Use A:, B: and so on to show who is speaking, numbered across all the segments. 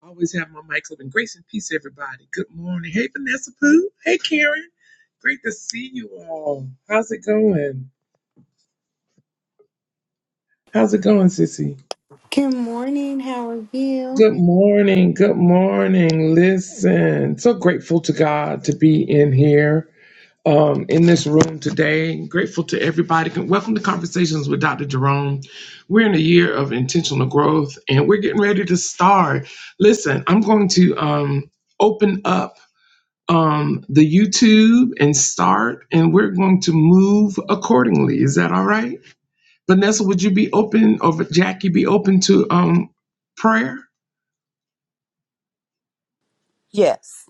A: Always have my mic open. Grace and peace, everybody. Good morning. Hey, Vanessa Pooh. Hey, Karen. Great to see you all. How's it going? How's it going, Sissy?
B: Good morning. How are you?
A: Good morning. Good morning. Listen, so grateful to God to be in here, um, in this room today. Grateful to everybody. Welcome to Conversations with Dr. Jerome. We're in a year of intentional growth, and we're getting ready to start. Listen, I'm going to um, open up. um, the YouTube and start, and we're going to move accordingly. Is that all right? Vanessa, would you be open, or Jackie be open to um, prayer?
C: Yes.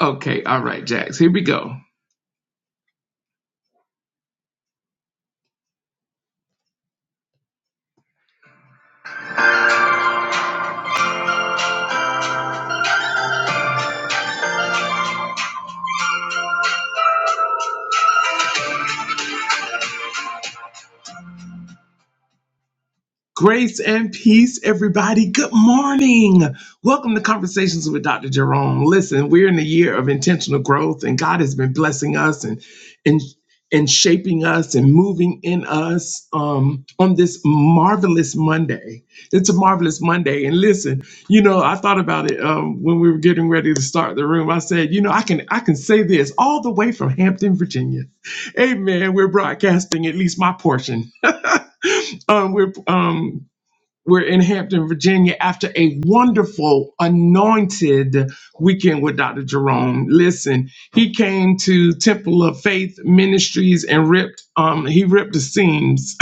A: Okay, all right, Jax, here we go. Grace and peace, everybody. Good morning. Welcome to Conversations with Dr. Jerome. Listen, we're in a year of intentional growth, and God has been blessing us and and and shaping us and moving in us um, on this marvelous Monday. It's a marvelous Monday. And listen, you know, I thought about it um, when we were getting ready to start the room. I said, you know, I can I can say this all the way from Hampton, Virginia. Amen. We're broadcasting at least my portion um, we're um, we're in Hampton, Virginia, after a wonderful, anointed weekend with Dr. Jerome. Listen, he came to Temple of Faith Ministries and ripped, um, he ripped the seams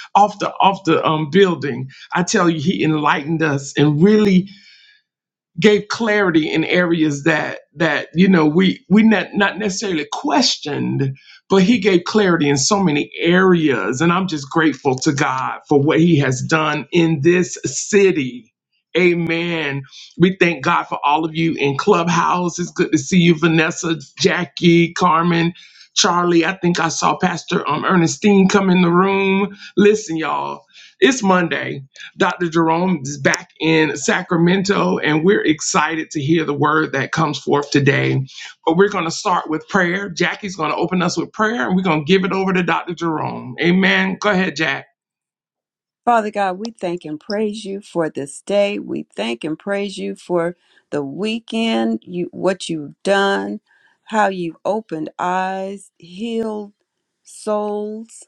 A: off the off the um building. I tell you, he enlightened us and really gave clarity in areas that that you know we we not, not necessarily questioned but he gave clarity in so many areas and i'm just grateful to god for what he has done in this city amen we thank god for all of you in clubhouse it's good to see you vanessa jackie carmen charlie i think i saw pastor um, ernestine come in the room listen y'all it's monday Dr. Jerome is back in Sacramento, and we're excited to hear the word that comes forth today. But we're going to start with prayer. Jackie's going to open us with prayer, and we're going to give it over to Dr. Jerome. Amen. Go ahead, Jack.
C: Father God, we thank and praise you for this day. We thank and praise you for the weekend, you what you've done, how you've opened eyes, healed souls,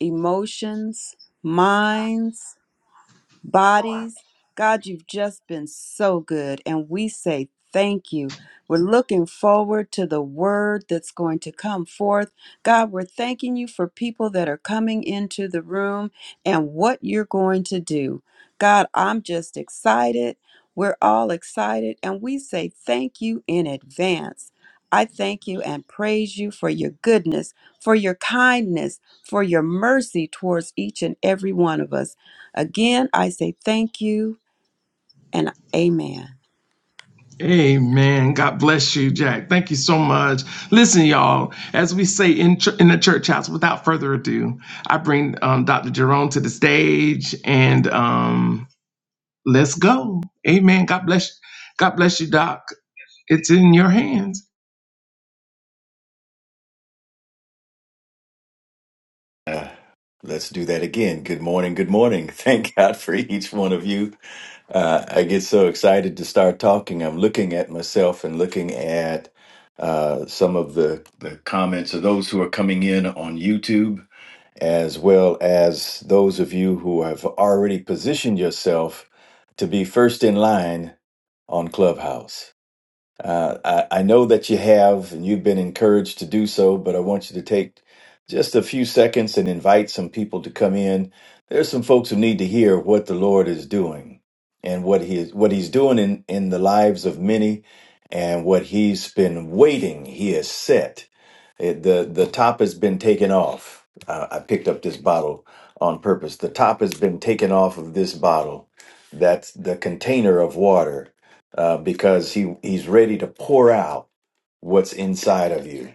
C: emotions, minds. bodies. God, you've just been so good, and we say thank you. We're looking forward to the word that's going to come forth. God, we're thanking you for people that are coming into the room and what you're going to do. God, I'm just excited. We're all excited, and we say thank you in advance. I thank you and praise you for your goodness, for your kindness, for your mercy towards each and every one of us. Again, I say thank you and amen.
A: Amen. God bless you, Jack. Thank you so much. Listen, y'all, as we say in, ch- in the church house, without further ado, I bring um, Dr. Jerome to the stage and um, let's go. Amen. God bless God bless you, Doc. It's in your hands.
D: Uh, let's do that again. Good morning. Good morning. Thank God for each one of you. Uh, I get so excited to start talking. I'm looking at myself and looking at uh, some of the, the comments of those who are coming in on YouTube, as well as those of you who have already positioned yourself to be first in line on Clubhouse. Uh, I, I know that you have, and you've been encouraged to do so, but I want you to take just a few seconds and invite some people to come in. There's some folks who need to hear what the Lord is doing and what he is, what he's doing in, in the lives of many and what he's been waiting. He has set it, the, the top has been taken off. Uh, I picked up this bottle on purpose. The top has been taken off of this bottle. That's the container of water uh, because he he's ready to pour out what's inside of you.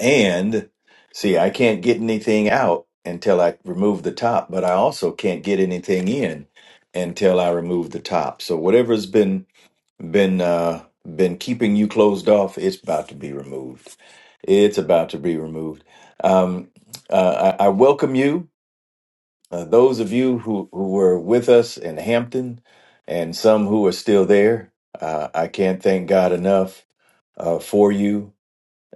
D: And see, I can't get anything out until I remove the top, but I also can't get anything in until I remove the top. So whatever's been been uh, been keeping you closed off, it's about to be removed. It's about to be removed. Um, uh, I, I welcome you. Uh, those of you who, who were with us in Hampton and some who are still there, uh, I can't thank God enough uh, for you.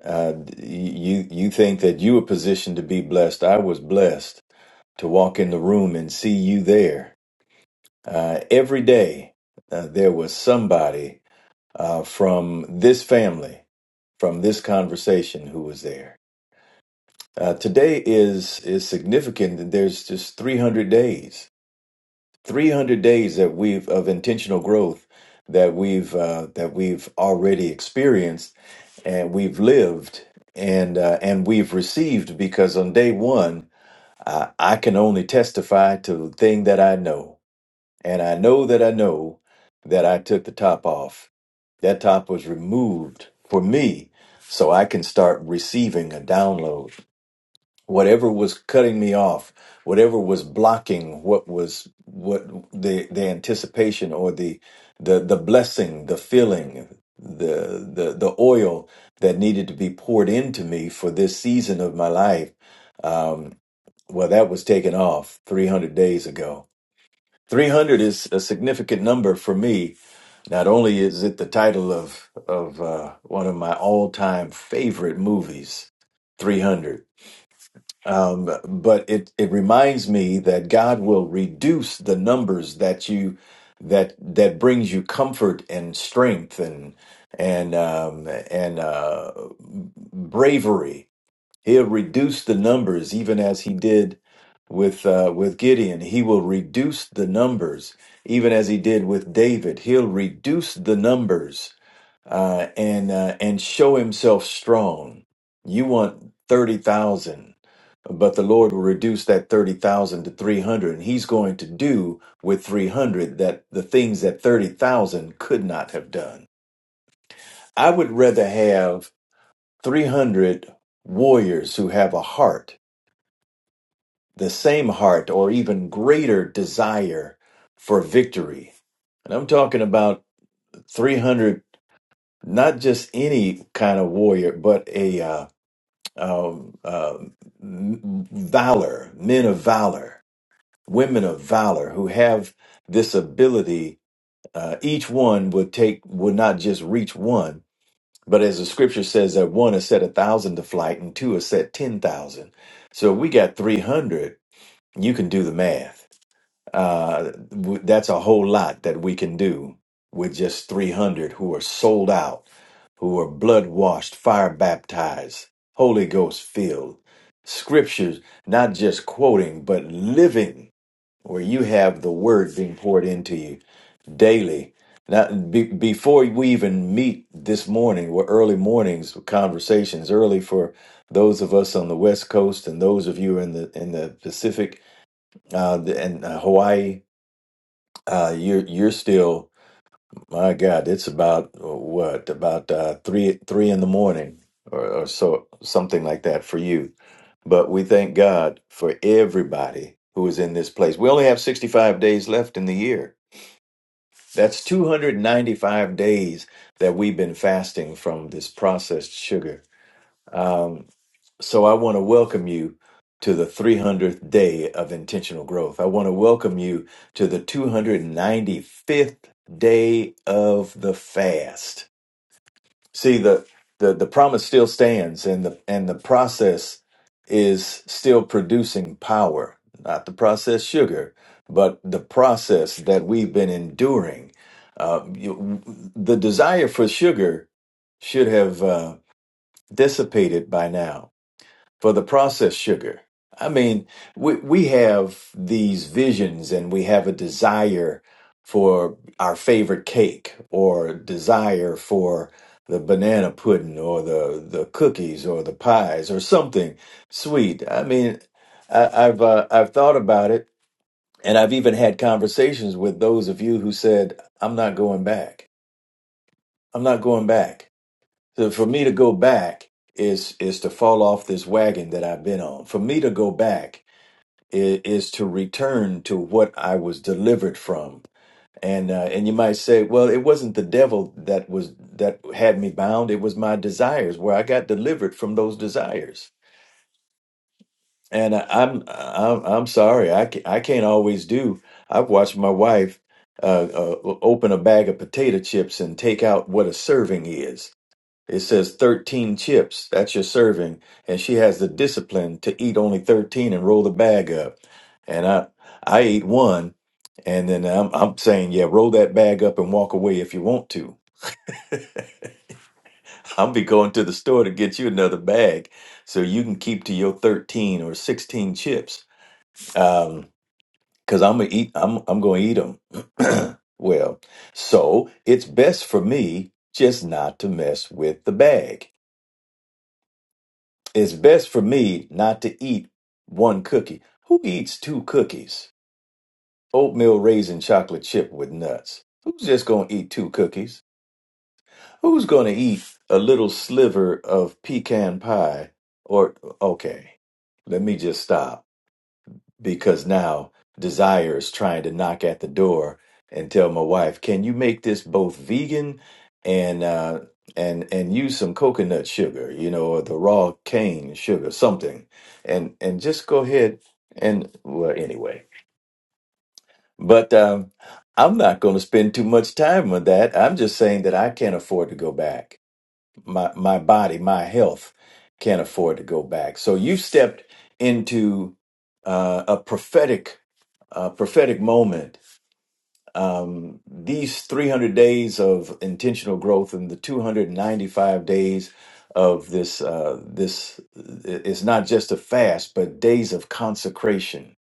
D: Uh, you. You think that you were positioned to be blessed. I was blessed to walk in the room and see you there. Uh, every day, uh, there was somebody uh, from this family, from this conversation, who was there. Uh, today is is significant. There's just 300 days 300 days that we've of intentional growth that we've uh, that we've already experienced and we've lived and uh, and we've received because on day one uh, I can only testify to the thing that I know and I know that I know that I took the top off that top was removed for me so I can start receiving a download whatever was cutting me off, whatever was blocking what was what the the anticipation or the the the blessing, the filling, the the the oil that needed to be poured into me for this season of my life. Um, well, that was taken off 300 days ago. 300 is a significant number for me. Not only is it the title of of uh, one of my all time favorite movies, 300 um, but it it reminds me that God will reduce the numbers that you that that brings you comfort and strength and and um, and uh, bravery. He'll reduce the numbers, even as he did with uh, with Gideon. He will reduce the numbers, even as he did with David. He'll reduce the numbers uh, and uh, and show himself strong. You want thirty thousand but the Lord will reduce that 30,000 to 300 and he's going to do with 300 that the things that 30,000 could not have done. I would rather have 300 warriors who have a heart, the same heart or even greater desire for victory. And I'm talking about 300 not just any kind of warrior, but a uh, um, uh, valor, men of valor women of valor who have this ability uh, each one would take would not just reach one but as the scripture says that one has set a thousand to flight and two has set ten thousand so if we got 300 you can do the math uh, w- that's a whole lot that we can do with just 300 who are sold out who are blood washed fire baptized holy ghost filled scriptures not just quoting but living where you have the word being poured into you daily. Now, be, before we even meet this morning, we're early mornings conversations, early for those of us on the West Coast and those of you in the in the Pacific uh, the- and uh, Hawaii. Uh, you're you're still, my God, it's about uh, what about uh, three three in the morning or, or so something like that for you. But we thank God for everybody who is in this place. We only have 65 days left in the year That's 295 days that we've been fasting from this processed sugar. Um, so I want to welcome you to the 300th day of intentional growth. I want to welcome you to the 295th day of the fast. See the the the promise still stands, and the and the process is still producing power, not the processed sugar, but the process that we've been enduring. Uh, you, the desire for sugar should have uh, dissipated by now for the processed sugar. I mean, we, we have these visions and we have a desire for our favorite cake or desire for the banana pudding or the, the cookies or the pies or something sweet. I mean, I, I've, uh, I've thought about it and I've even had conversations with those of you who said, I'm not going back. I'm not going back. So for me to go back is is to fall off this wagon that I've been on. For me to go back is, is to return to what I was delivered from. And uh, and you might say, well, it wasn't the devil that was that had me bound. It was my desires where I got delivered from those desires. And I, I'm I'm I'm sorry. I ca- I can't always do. I've watched my wife uh, uh, open a bag of potato chips and take out what a serving is it says 13 chips. That's your serving. And she has the discipline to eat only 13 and roll the bag up. And I I ate one and then I'm I'm saying, yeah, roll that bag up and walk away if you want to. I'll be going to the store to get you another bag so you can keep to your 13 or 16 chips. Um, cuz I'm going to eat I'm I'm going to eat them. well, so it's best for me just not to mess with the bag. It's best for me not to eat one cookie. Who eats two cookies? Oatmeal raisin chocolate chip with nuts. Who's just going to eat two cookies? Who's going to eat a little sliver of pecan pie? Or, okay, let me just stop because now desire is trying to knock at the door and tell my wife, "Can you make this both vegan and uh, and and use some coconut sugar, you know, or the raw cane sugar, something, and and just go ahead and well, anyway." But um, I'm not going to spend too much time on that. I'm just saying that I can't afford to go back. My my body, my health can't afford to go back. So you stepped into uh, a prophetic uh, prophetic moment. Um, these 300 days of intentional growth and the 295 days of this uh, this is not just a fast, but days of consecration.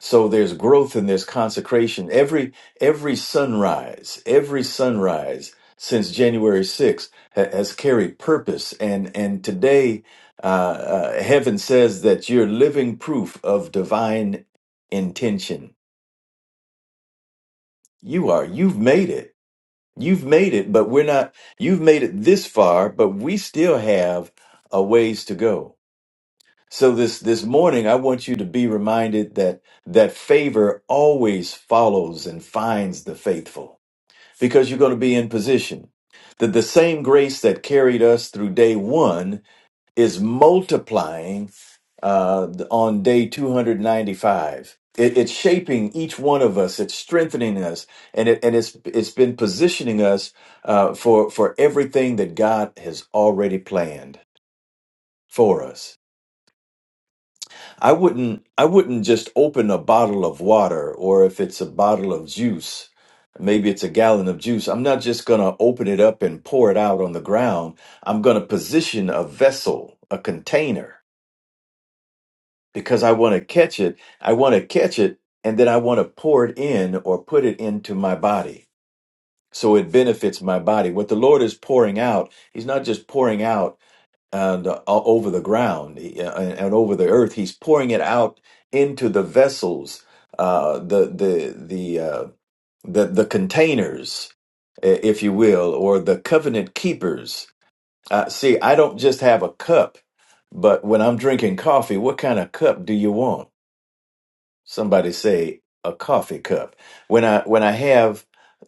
D: So there's growth and there's consecration. Every every sunrise, every sunrise since January 6th ha- has carried purpose, and and today uh, uh, heaven says that you're living proof of divine intention You are. You've made it. You've made it, but we're not. You've made it this far, but we still have a ways to go. So this this morning, I want you to be reminded that that favor always follows and finds the faithful, because you're going to be in position. That the same grace that carried us through day one is multiplying uh, on day 295. It, it's shaping each one of us. It's strengthening us, and it and it's it's been positioning us uh, for for everything that God has already planned for us. I wouldn't I wouldn't just open a bottle of water, or if it's a bottle of juice, maybe it's a gallon of juice. I'm not just gonna open it up and pour it out on the ground. I'm gonna position a vessel, a container because I want to catch it. I want to catch it and then I want to pour it in or put it into my body so it benefits my body. What the Lord is pouring out, He's not just pouring out and uh, over the ground uh, and, over the earth. He's pouring it out into the vessels, uh, the the the uh, the the containers, i- if you will, or the covenant keepers. Uh, see, I don't just have a cup, but when I'm drinking coffee, what kind of cup do you want? somebody say a coffee cup when i when i have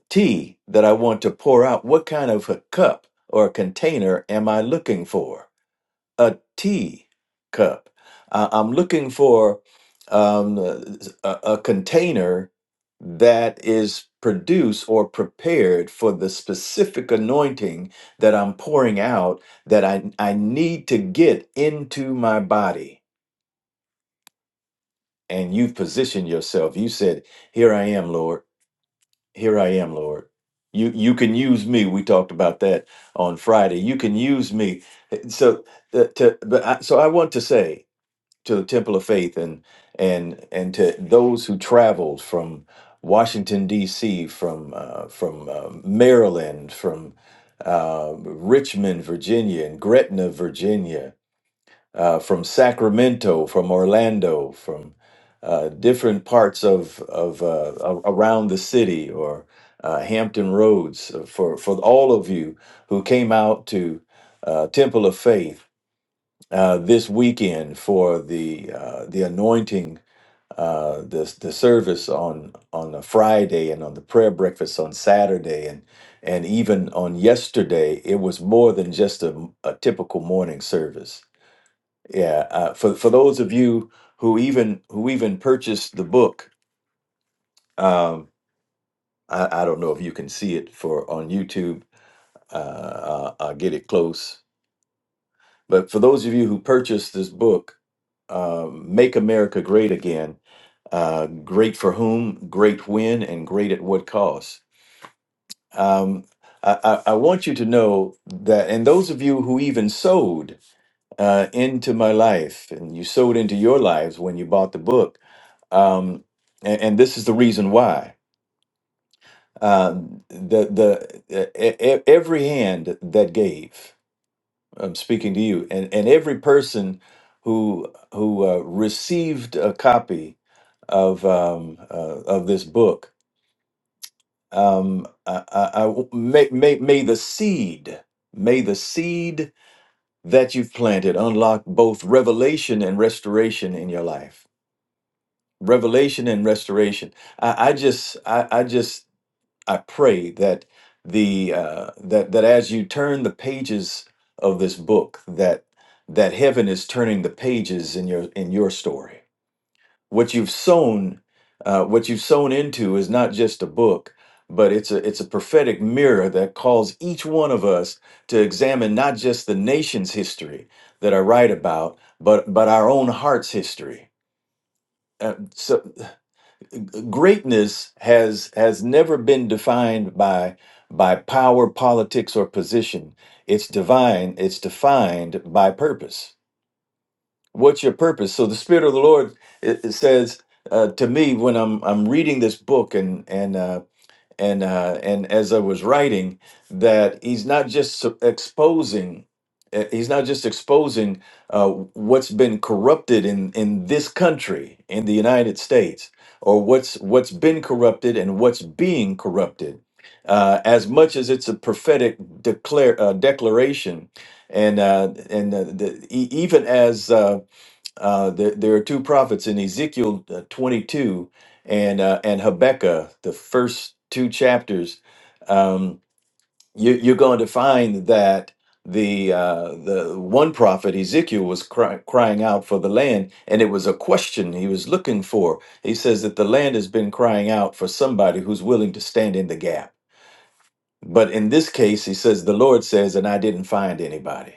D: tea that i want to pour out what kind of a cup or container am i looking for a tea cup I- i'm looking for um, a, a container that is produced or prepared for the specific anointing that i'm pouring out that i, I need to get into my body and you've positioned yourself. You said, "Here I am, Lord. Here I am, Lord." You you can use me. We talked about that on Friday. You can use me. So uh, to but I, so I want to say to the Temple of Faith and and and to those who traveled from Washington D.C., from uh, from uh, Maryland, from uh, Richmond, Virginia, and Gretna, Virginia uh, from Sacramento, from Orlando, from uh, different parts of of uh, a- around the city or uh, Hampton Roads uh, for for all of you who came out to uh, Temple of Faith uh, this weekend for the uh, the anointing. Uh, the the service on on a Friday and on the prayer breakfast on Saturday and and even on yesterday it was more than just a, a typical morning service yeah, uh, for for those of you who even who even purchased the book, um, I, I don't know if you can see it for on YouTube. Uh, uh, I'll get it close. But for those of you who purchased this book, uh, "Make America Great Again," uh, great for whom, great when, and great at what cost. Um, I, I, I want you to know that, and those of you who even sowed uh, into my life, and you sowed into your lives when you bought the book um, and, and this is the reason why um, the the e- e- e, every hand that gave I'm speaking to you and, and every person who who uh, received a copy of um, uh, of this book um, I, I, I- may, may, may the seed may the seed that you've planted unlock both revelation and restoration in your life revelation and restoration I, I just I, I just I pray that the uh, that that as you turn the pages of this book, that that heaven is turning the pages in your in your story. What you've sown, uh, what you've sown into, is not just a book, but it's a it's a prophetic mirror that calls each one of us to examine not just the nation's history that I write about, but but our own heart's history. Uh, so greatness has has never been defined by by power politics or position it's divine it's defined by purpose what's your purpose so the spirit of the lord it, it says uh, to me when i'm i'm reading this book and and uh, and uh, and as I was writing, that he's not just su- exposing, eh, he's not just exposing uh, what's been corrupted in in this country, in the United States, or what's what's been corrupted and what's being corrupted. Uh, as much as it's a prophetic declare uh, declaration, and uh, and uh, the, e- even as uh, uh, there, there are two prophets in Ezekiel uh, 22 and uh, and Habakkuk, the first two chapters. Um, you, you're going to find that the uh, the one prophet Ezekiel was cry, crying out for the land, and it was a question he was looking for. He says that the land has been crying out for somebody who's willing to stand in the gap. But in this case, he says the Lord says, and I didn't find anybody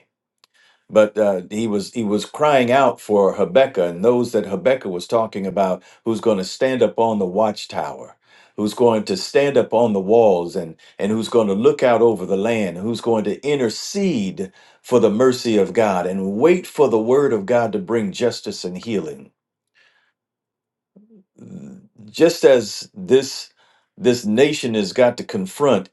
D: but uh, he was he was crying out for Habakkuk and those that Habakkuk was talking about, who's going to stand up on the watchtower, who's going to stand up on the walls, and and who's going to look out over the land, who's going to intercede for the mercy of God and wait for the word of God to bring justice and healing. Just as this this nation has got to confront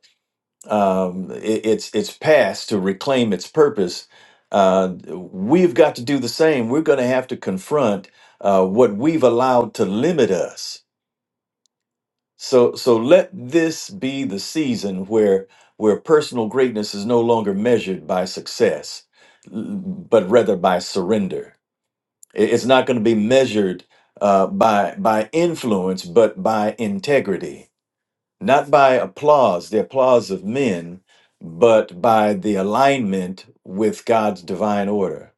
D: um, it, its its past to reclaim its purpose. Uh, we've got to do the same. We're going to have to confront uh, what we've allowed to limit us. So so let this be the season where where personal greatness is no longer measured by success, l- but rather by surrender. It- It's not going to be measured uh, by by influence, but by integrity not by applause, the applause of men, but by the alignment with God's divine order.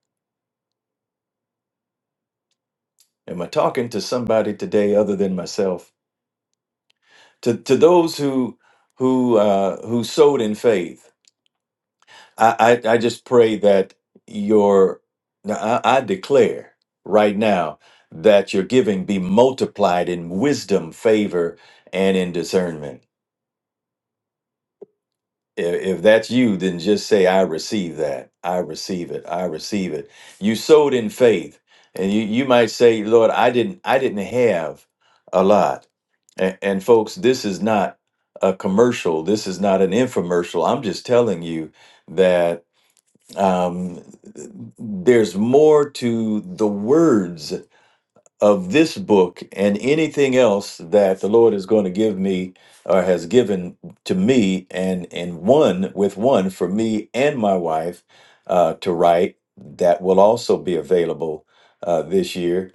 D: Am I talking to somebody today other than myself? To to those who who uh, who sowed in faith, I, I I just pray that your I, I declare right now that your giving be multiplied in wisdom, favor, and in discernment. If, if that's you, then just say, I receive that. I receive it. I receive it. You sowed in faith. And you, you might say, Lord, I didn't I didn't have a lot. And, and folks, this is not a commercial. This is not an infomercial. I'm just telling you that um, there's more to the words of this book and anything else that the Lord is going to give me or has given to me and and one with one for me and my wife uh, to write that will also be available uh, this year.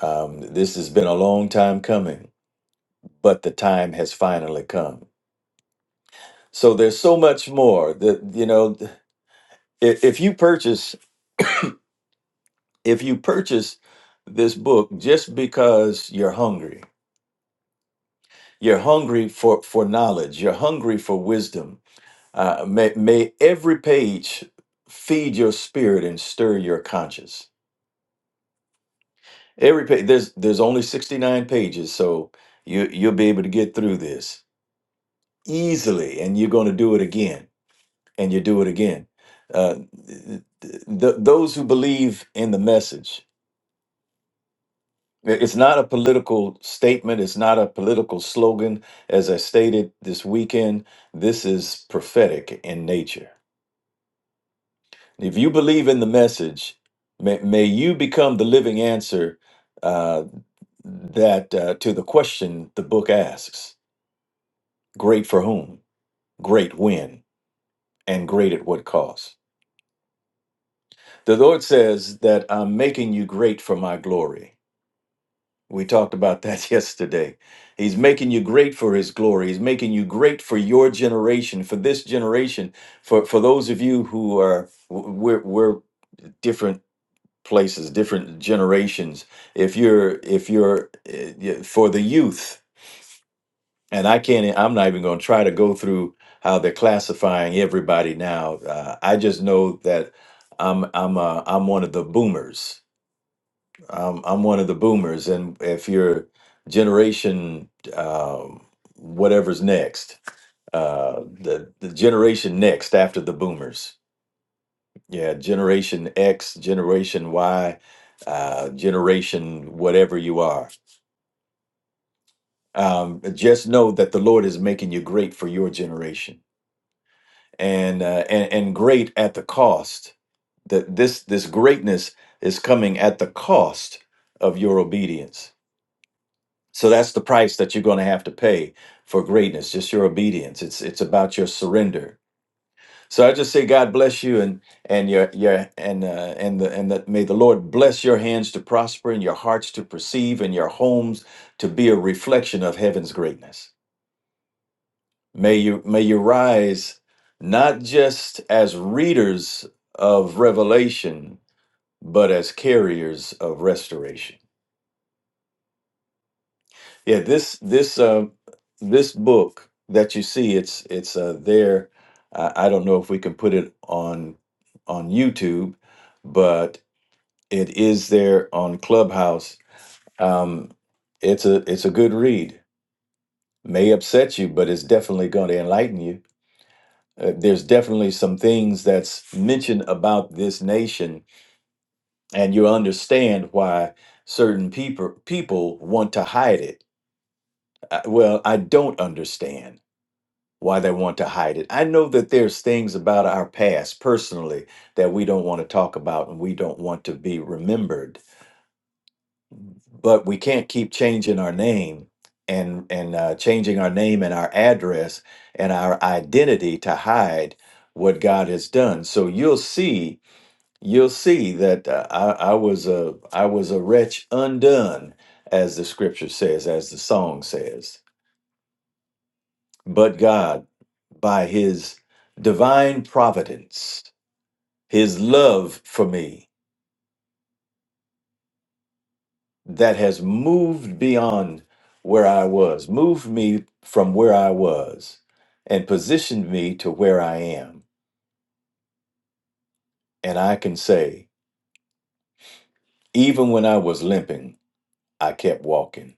D: Um, this has been a long time coming, but the time has finally come. So there's so much more that you know. If, if you purchase, if you purchase this book just because you're hungry You're hungry for, for knowledge. You're hungry for wisdom. Uh, may, may every page feed your spirit and stir your conscience. Every page, there's, there's only 69 pages, so you, you'll be able to get through this easily, and you're going to do it again, and you do it again. Uh, th- th- those who believe in the message, it- it's not a political statement, it's not a political slogan. As I stated this weekend, this is prophetic in nature If you believe in the message, may, may you become the living answer uh, that uh, to the question the book asks: Great for whom? Great when? And great at what cost? The Lord says that I'm making you great for my glory. We talked about that yesterday. He's making you great for his glory. He's making you great for your generation, for this generation, for, for those of you who are, we're, we're different places different generations if you're if you're eh, yeah, for the youth and i can't e, i'm not even going to try to go through how they're classifying everybody now uh, i just know that i'm i'm uh, i'm one of the boomers um, i'm one of the boomers and if you're generation um, whatever's next uh, the the generation next after the boomers Yeah, Generation X, Generation Y, uh, Generation whatever you are. Um, just know that the Lord is making you great for your generation, and uh, and and great at the cost. That this this greatness is coming at the cost of your obedience. So that's the price that you're going to have to pay for greatness. Just your obedience. It's it's about your surrender So I just say God bless you and and your your and uh, and the and that may the Lord bless your hands to prosper and your hearts to perceive and your homes to be a reflection of heaven's greatness. May you may you rise not just as readers of revelation but as carriers of restoration. Yeah, this this uh, this book that you see it's it's uh, there. I, I don't know if we can put it on on YouTube, but It is there on Clubhouse. Um, it's a it's a good read. May upset you, but it's definitely going to enlighten you. Uh, there's definitely some things that's mentioned about this nation, and you understand why certain people people want to hide it. I, well, I don't understand why they want to hide it. I know that there's things about our past personally that we don't want to talk about and we don't want to be remembered but we can't keep changing our name and and uh, changing our name and our address and our identity to hide what God has done. So you'll see, you'll see that uh, I, I was a I was a wretch undone, as the scripture says, as the song says. But God, by His divine providence, His love for me. that has moved beyond where I was, moved me from where I was, and positioned me to where I am. And I can say, even when I was limping, I kept walking.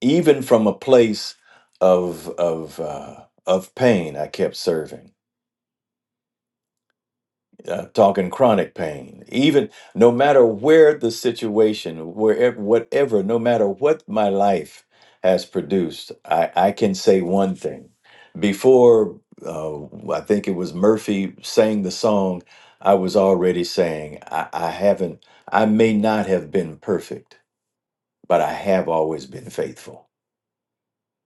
D: Even from a place of of uh, of pain, I kept serving I'm talking chronic pain. Even no matter where the situation, wherever, whatever, no matter what my life has produced, I, I can say one thing. Before, uh, I think it was Murphy sang the song, I was already saying, I, I haven't, I may not have been perfect, but I have always been faithful.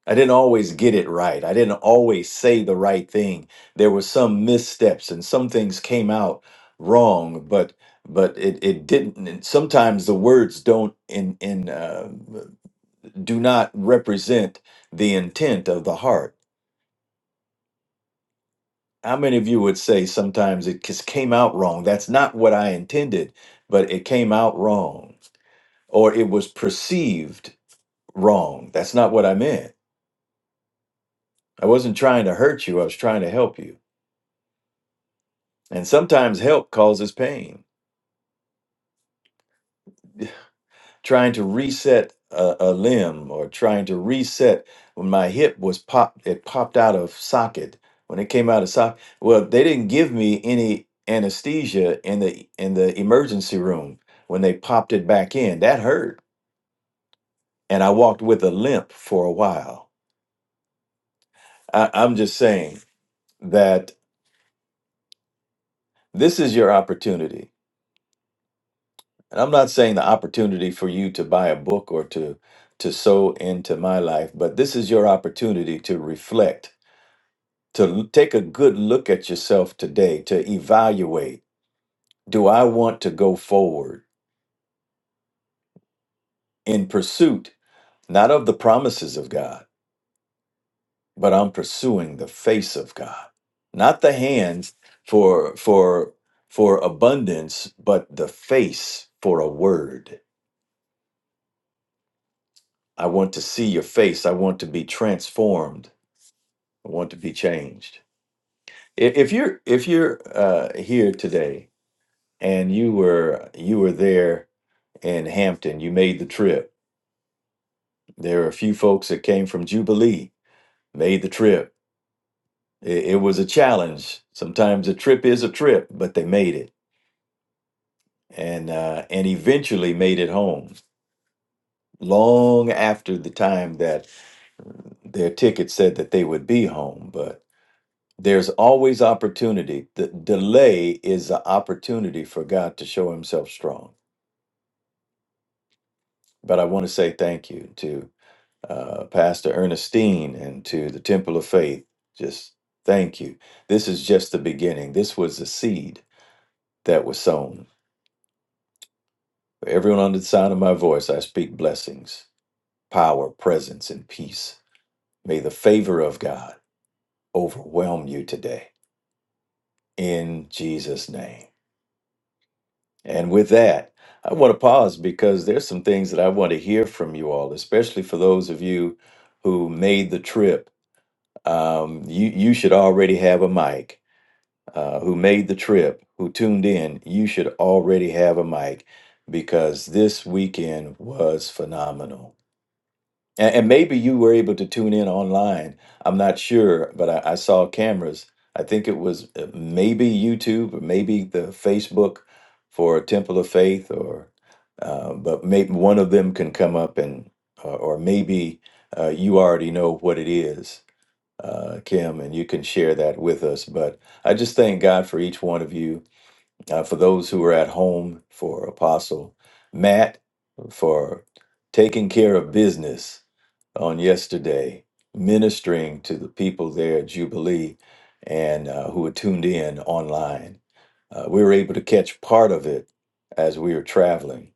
D: I didn't always get it right. I didn't always say the right thing. There were some missteps and some things came out wrong, but but it, it didn't. And sometimes the words don't in in uh, do not represent the intent of the heart. How many of you would say sometimes it just came out wrong? That's not what I intended, but it came out wrong, or it was perceived wrong. That's not what I meant. I wasn't trying to hurt you. I was trying to help you And sometimes help causes pain. Trying to reset a, a limb or trying to reset when my hip was popped, it popped out of socket. When it came out of socket, well, they didn't give me any anesthesia in the in the emergency room when they popped it back in. That hurt, and I walked with a limp for a while. I, I'm just saying that this is your opportunity And I'm not saying the opportunity for you to buy a book or to to sow into my life, but this is your opportunity to reflect, to l- take a good look at yourself today, to evaluate, do I want to go forward in pursuit not of the promises of God, but I'm pursuing the face of God. Not the hands for for for abundance, but the face for a word. I want to see your face. I want to be transformed I want to be changed. I- If you're if you're uh, here today and you were you were there in Hampton, you made the trip. There are a few folks that came from Jubilee, made the trip. It, it was a challenge. Sometimes a trip is a trip, but they made it and uh, and eventually made it home. Long after the time that their ticket said that they would be home, but there's always opportunity. The delay is an opportunity for God to show Himself strong But I want to say thank you to uh, Pastor Ernestine and to the Temple of Faith. Just thank you. This is just the beginning. This was the seed that was sown. For everyone under the sound of my voice, I speak blessings, power, presence, and peace. May the favor of God overwhelm you today in Jesus' name. And with that, I want to pause because there's some things that I want to hear from you all, especially for those of you who made the trip um, you you should already have a mic. Uh, who made the trip? Who tuned in? You should already have a mic because this weekend was phenomenal. And, and maybe you were able to tune in online. I'm not sure, but I, I saw cameras. I think it was uh, maybe YouTube or maybe the Facebook for Temple of Faith, or uh, but maybe one of them can come up and or or maybe uh, you already know what it is uh, Kim, and you can share that with us. But I just thank God for each one of you, uh, for those who are at home, for Apostle Matt, for taking care of business on yesterday ministering to the people there at Jubilee and uh, who were tuned in online. Uh, we were able to catch part of it as we were traveling,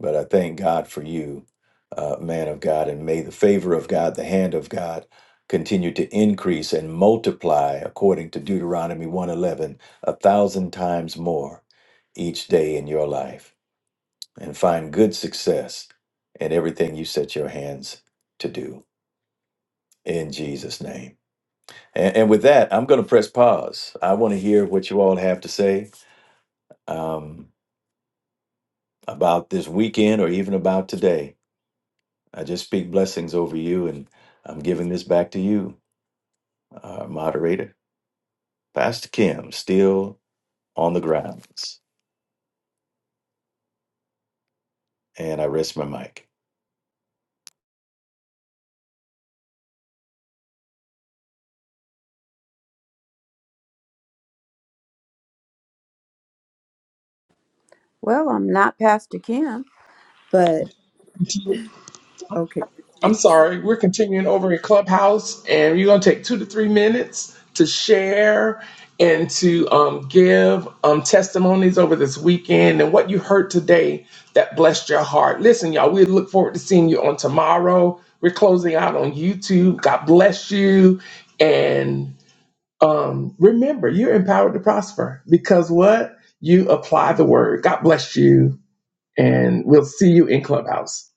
D: but I thank God for you, uh, man of God, and may the favor of God, the hand of God, continue to increase and multiply according to Deuteronomy 111 a thousand times more each day in your life and find good success in everything you set your hands to do in Jesus' name. And, and with that, I'm going to press pause. I want to hear what you all have to say um, about this weekend or even about today. I just speak blessings over you, and I'm giving this back to you, uh, moderator, Pastor Kim, still on the grounds. And I rest my mic.
C: Well, I'm not Pastor Kim, but okay.
A: I'm sorry, we're continuing over in Clubhouse, and you're going to take two to three minutes to share and to um, give um, testimonies over this weekend and what you heard today that blessed your heart. Listen, y'all, we look forward to seeing you on tomorrow. We're closing out on YouTube. God bless you. And um, remember, you're empowered to prosper because what? You apply the word. God bless you. And we'll see you in Clubhouse.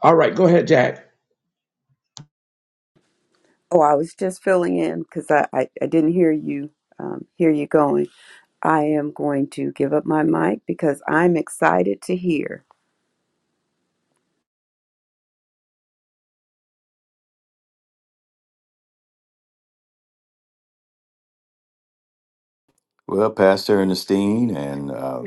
A: All right, go ahead, Jack.
C: Oh, I was just filling in because I, I, I didn't hear you um, hear you going. I am going to give up my mic because I'm excited to hear
D: Well, Pastor Ernestine, and uh,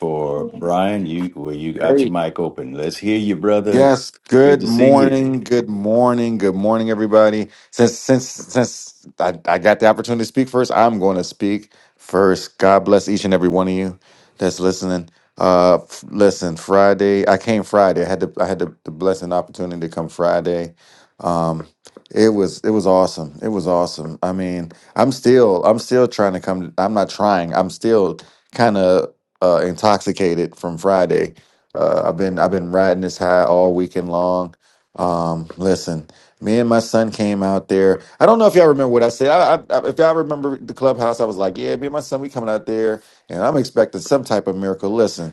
D: for Brian, you well, you got your
E: Hey.
D: mic open. Let's hear you, brother.
E: Yes.
D: Good
E: Good
D: to see you.
E: morning. Good morning. Good morning, everybody. Since since since I, I got the opportunity to speak first, I'm going to speak first. God bless each and every one of you that's listening. Uh, f- listen. Friday, I came Friday. I had the I had the, the blessing opportunity to come Friday. Um, it was it was awesome. It was awesome. I mean, I'm still I'm still trying to come. I'm not trying. I'm still kind of uh, intoxicated from Friday uh, I've been I've been riding this high all weekend long. Um, listen, me and my son came out there. I don't know if y'all remember what I said. I, I, I- if y'all remember the clubhouse, I was like, "Yeah, me and my son, we coming out there, and I'm expecting some type of miracle." Listen,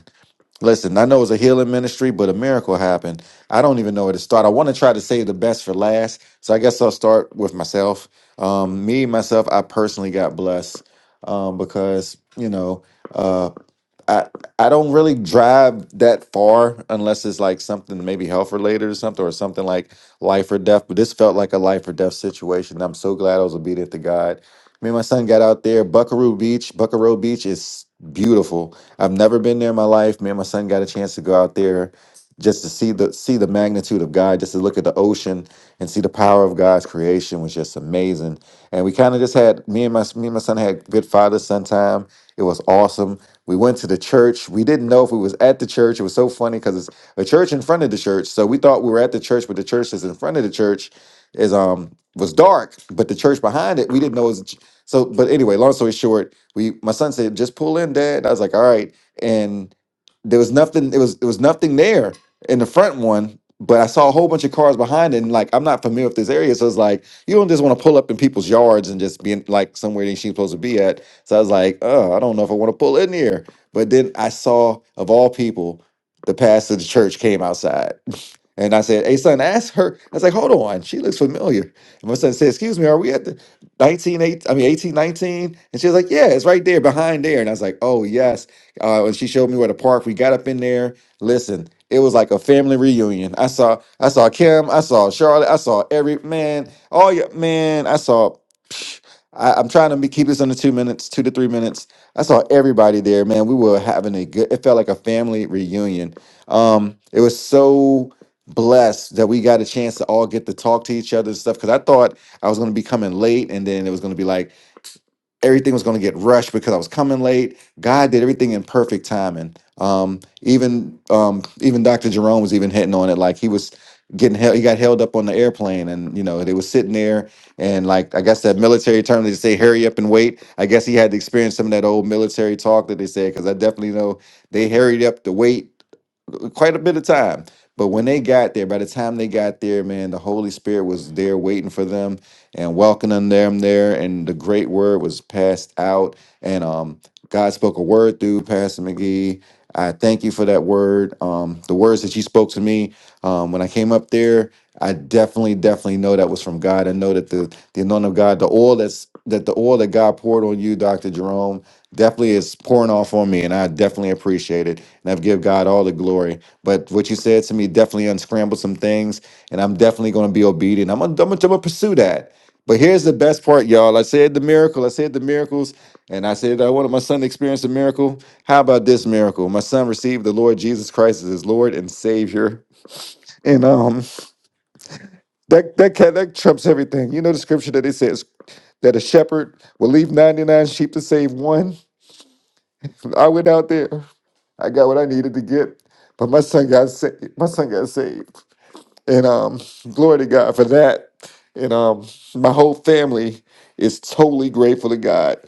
E: listen. I know it's a healing ministry, but a miracle happened. I don't even know where to start. I want to try to save the best for last, so I guess I'll start with myself. Um, me myself, I personally got blessed um, because you know. uh, I I don't really drive that far unless it's like something maybe health related or something or something like life or death. But this felt like a life or death situation. I'm so glad I was obedient to God. Me and my son got out there. Buckaroo Beach, Buckaroo Beach is beautiful. I've never been there in my life. Me and my son got a chance to go out there just to see the see the magnitude of God, just to look at the ocean and see the power of God's creation was just amazing. And we kind of just had me and my me and my son had good father son time. It was awesome. We went to the church. We didn't know if we was at the church. It was so funny because it's a church in front of the church. So we thought we were at the church, but the church that's in front of the church is um was dark, but the church behind it we didn't know it was a ch- so. But anyway, long story short, we my son said just pull in, dad. I was like, all right, and there was nothing it was it was nothing there in the front one but i saw a whole bunch of cars behind it and like i'm not familiar with this area so it's like you don't just want to pull up in people's yards and just be in, like somewhere that you ain't supposed to be at so i was like oh i don't know if i want to pull in here but then i saw of all people the pastor of the church came outside and i said hey son ask her i was like hold on she looks familiar and my son said excuse me are we at the 198? i mean eighteen, nineteen? and she was like yeah it's right there behind there and i was like oh yes uh, and she showed me where the park. We got up in there. Listen, it was like a family reunion. I saw, I saw Kim, I saw Charlotte, I saw every man, all your man. I saw. I, I'm trying to be, keep this under two minutes, two to three minutes. I saw everybody there, man. We were having a good. It felt like a family reunion. Um, it was so blessed that we got a chance to all get to talk to each other and stuff. Because I thought I was going to be coming late, and then it was going to be like everything was going to get rushed because I was coming late. God did everything in perfect timing. Um, even um, even Dr. Jerome was even hitting on it, like he was getting held. He got held up on the airplane, and you know they was sitting there, and like I guess that military term they say, "Hurry up and wait." I guess he had to experience some of that old military talk that they said, because I definitely know they hurried up to wait quite a bit of time. But when they got there, by the time they got there, man, the Holy Spirit was there waiting for them and welcoming them there. And the great word was passed out. And um, God spoke a word through Pastor McGee. I thank you for that word. Um, the words that you spoke to me um, when I came up there I definitely, definitely know that was from God. I know that the the anointing of God, the oil that's that the oil that God poured on you, Doctor Jerome, definitely is pouring off on me, and I definitely appreciate it. And I've give God all the glory. But what you said to me definitely unscrambled some things, and I'm definitely going to be obedient. I'm gonna, I'm gonna, I'm gonna pursue that. But here's the best part, y'all. I said the miracle. I said the miracles, and I said I wanted my son to experience a miracle. How about this miracle? My son received the Lord Jesus Christ as his Lord and Savior, and um. That that ca- that trumps everything. You know the scripture that it says that a shepherd will leave ninety nine sheep to save one. I went out there. I got what I needed to get, but my son got saved. My son got saved, and um, glory to God for that. And um, my whole family is totally grateful to God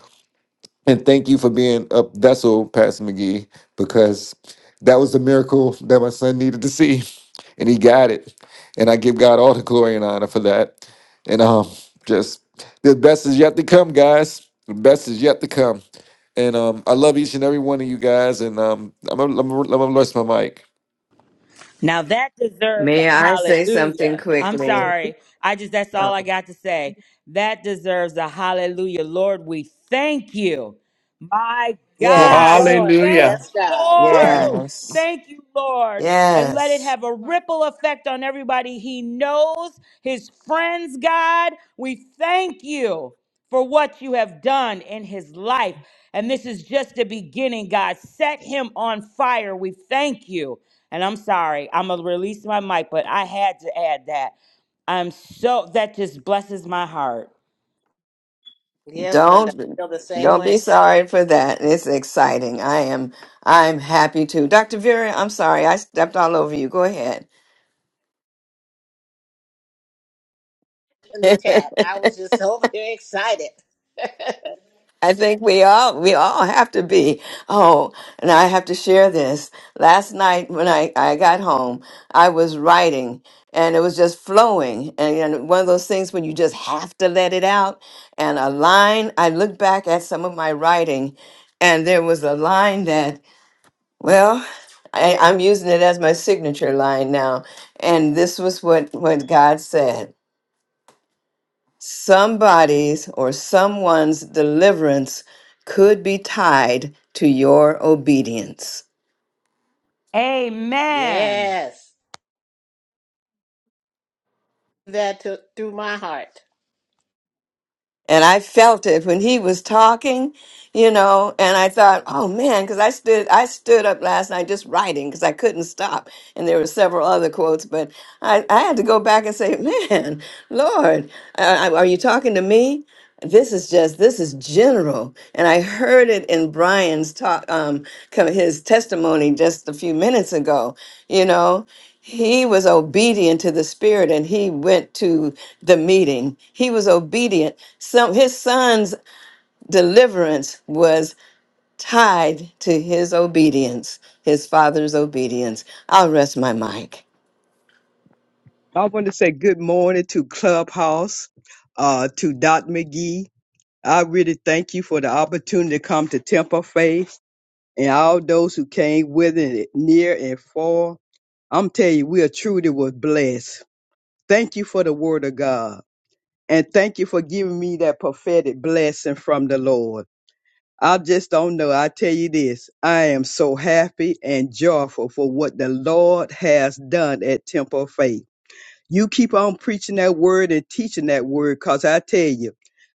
E: and thank you for being a vessel, Pastor McGee, because that was the miracle that my son needed to see. And he got it. And I give God all the glory and honor for that. And um just the best is yet to come, guys. The best is yet to come. And um I love each and every one of you guys. And um I'm gonna I'm gonna- I'm gonna rest my mic.
F: Now that deserves
G: May
F: a
G: I say something
F: hallelujah. I'm
G: quickly?
F: sorry. I just, that's all
G: Oh,
F: I got to say. That deserves a hallelujah. Lord, we thank you. My
H: Yes,
F: God,
G: yes,
F: we
H: Lord.
F: thank
A: Hallelujah.
F: you,
H: Yes, God.
F: Lord.
H: Woo!
G: yes,
F: Thank you, Lord. And let it
G: yes.
F: have a ripple effect on everybody he knows, his friends, God. We thank you for what you have done in his life. And this is just the beginning, God. Set him on fire. We thank you. And I'm sorry, I'm gonna release my mic, but I had to add that. I'm so that just blesses my heart.
H: Yes, Linda.
G: Don't
H: I feel the same
G: don't be
H: way.
G: sorry for that. It's exciting. I am I'm happy too. Dr. Vera, I'm sorry I stepped all over you. Go ahead.
H: In the chat, I was just so very excited.
G: I think we all we all have to be. Oh, and I have to share this. Last night when I, I got home, I was writing and it was just flowing. And, and one of those things when you just have to let it out. And a line, I looked back at some of my writing and there was a line that, well, I, I'm using it as my signature line now. And this was what, what God said. Somebody's or someone's deliverance could be tied to your obedience.
F: Amen.
H: yes. That took through my heart.
G: And I felt it when he was talking, you know, and I thought, oh man, because I stood I stood up last night just writing because I couldn't stop. And there were several other quotes, but I, I had to go back and say, man, Lord, uh, are you talking to me? this is just this is general and i heard it in brian's talk um co- his testimony just a few minutes ago you know he was obedient to the spirit and he went to the meeting he was obedient Some his son's deliverance was tied to his obedience his father's obedience i'll rest my mic
I: I want to say good morning to Clubhouse, uh, to Dot McGee. I really thank you for the opportunity to come to Temple Faith and all those who came with it, near and far. I'm telling you, we are truly was blessed. Thank you for the word of God. And thank you for giving me that prophetic blessing from the Lord. I just don't know. I tell you this, I am so happy and joyful for what the Lord has done at Temple Faith. You keep on preaching that word and teaching that word because I tell you,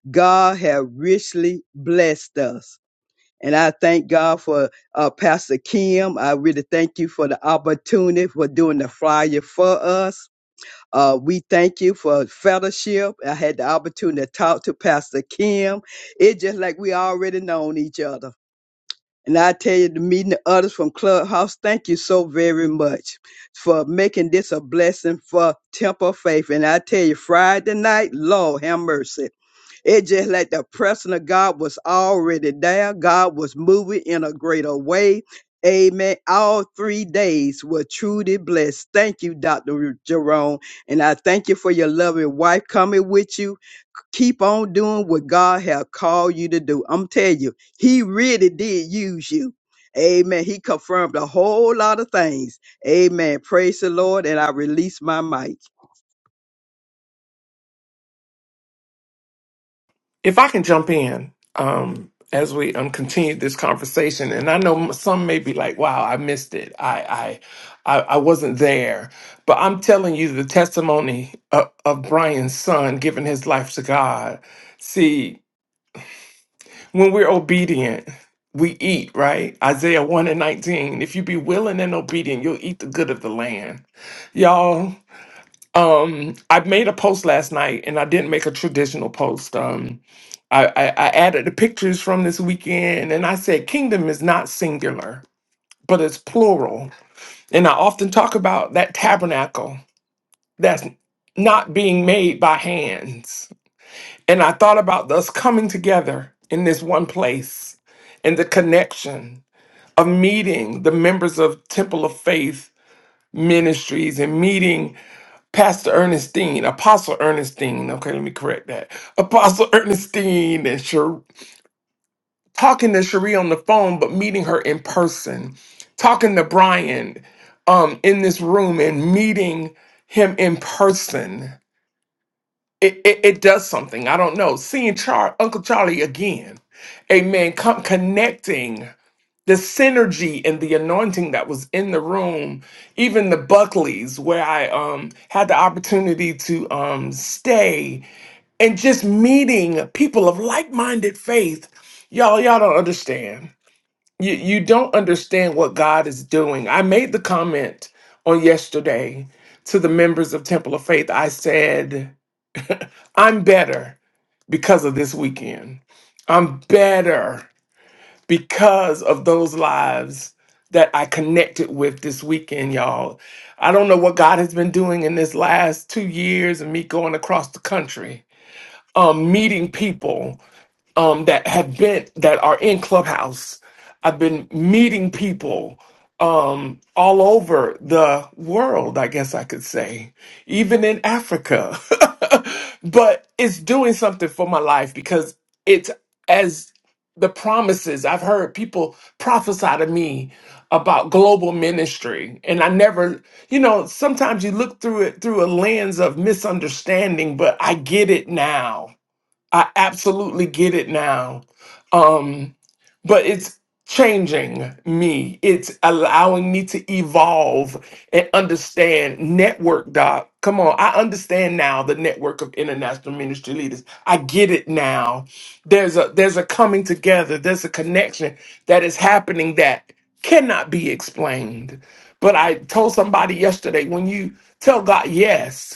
I: God have richly blessed us. And I thank God for uh, Pastor Kim. I really thank you for the opportunity for doing the flyer for us. Uh, we thank you for fellowship. I had the opportunity to talk to Pastor Kim. It's just like we already known each other. And I tell you, the meeting the others from Clubhouse, thank you so very much for making this a blessing for Temple Faith. And I tell you, Friday night, Lord have mercy. It just like the presence of God was already there. God was moving in a greater way. Amen. All three days were truly blessed. Thank you, Dr. Jerome. And I thank you for your loving wife coming with you keep on doing what God have called you to do. I'm telling you, He really did use you. Amen. He confirmed a whole lot of things. Amen. Praise the Lord. And I release my mic.
A: If I can jump in um, as we um, continue this conversation, and I know m- some may be like, wow, I missed it. I, I, I, I wasn't there. But I'm telling you the testimony of, of Brian's son giving his life to God. See, when we're obedient, we eat, right? Isaiah 1 and 19. If you be willing and obedient, you'll eat the good of the land. Y'all, Um, I made a post last night, and I didn't make a traditional post. Um, I, I, I added the pictures from this weekend, and I said, "Kingdom is not singular, but it's plural." And I often talk about that tabernacle that's not being made by hands. And I thought about us coming together in this one place, and the connection of meeting the members of Temple of Faith ministries and meeting Pastor Ernestine, Apostle Ernestine. Okay, let me correct that. Apostle Ernestine and Sher- talking to Cherie on the phone, but meeting her in person. Talking to Brian um, in this room and meeting him in person. It, it, it does something. I don't know. Seeing Char- Uncle Charlie again. Amen. Come connecting the synergy and the anointing that was in the room, even the Buckleys, where I um, had the opportunity to um, stay and just meeting people of like minded faith. Y'all, y'all don't understand. You, you don't understand what God is doing. I made the comment on yesterday to the members of Temple of Faith. I said, I'm better because of this weekend. I'm better because of those lives that I connected with this weekend, y'all. I don't know what God has been doing in this last two years and me going across the country, um, meeting people um, that have been that are in Clubhouse. I've been meeting people um, all over the world, I guess I could say, even in Africa. but it's doing something for my life because it's as the promises I've heard people prophesy to me about global ministry. And I never, you know, sometimes you look through it through a lens of misunderstanding, but I get it now I absolutely get it now. Um, but it's changing me. It's allowing me to evolve and understand network doc. Come on, I understand now the network of international ministry leaders. I get it now. There's a there's a coming together, there's a connection that is happening that cannot be explained. But I told somebody yesterday when you tell God yes,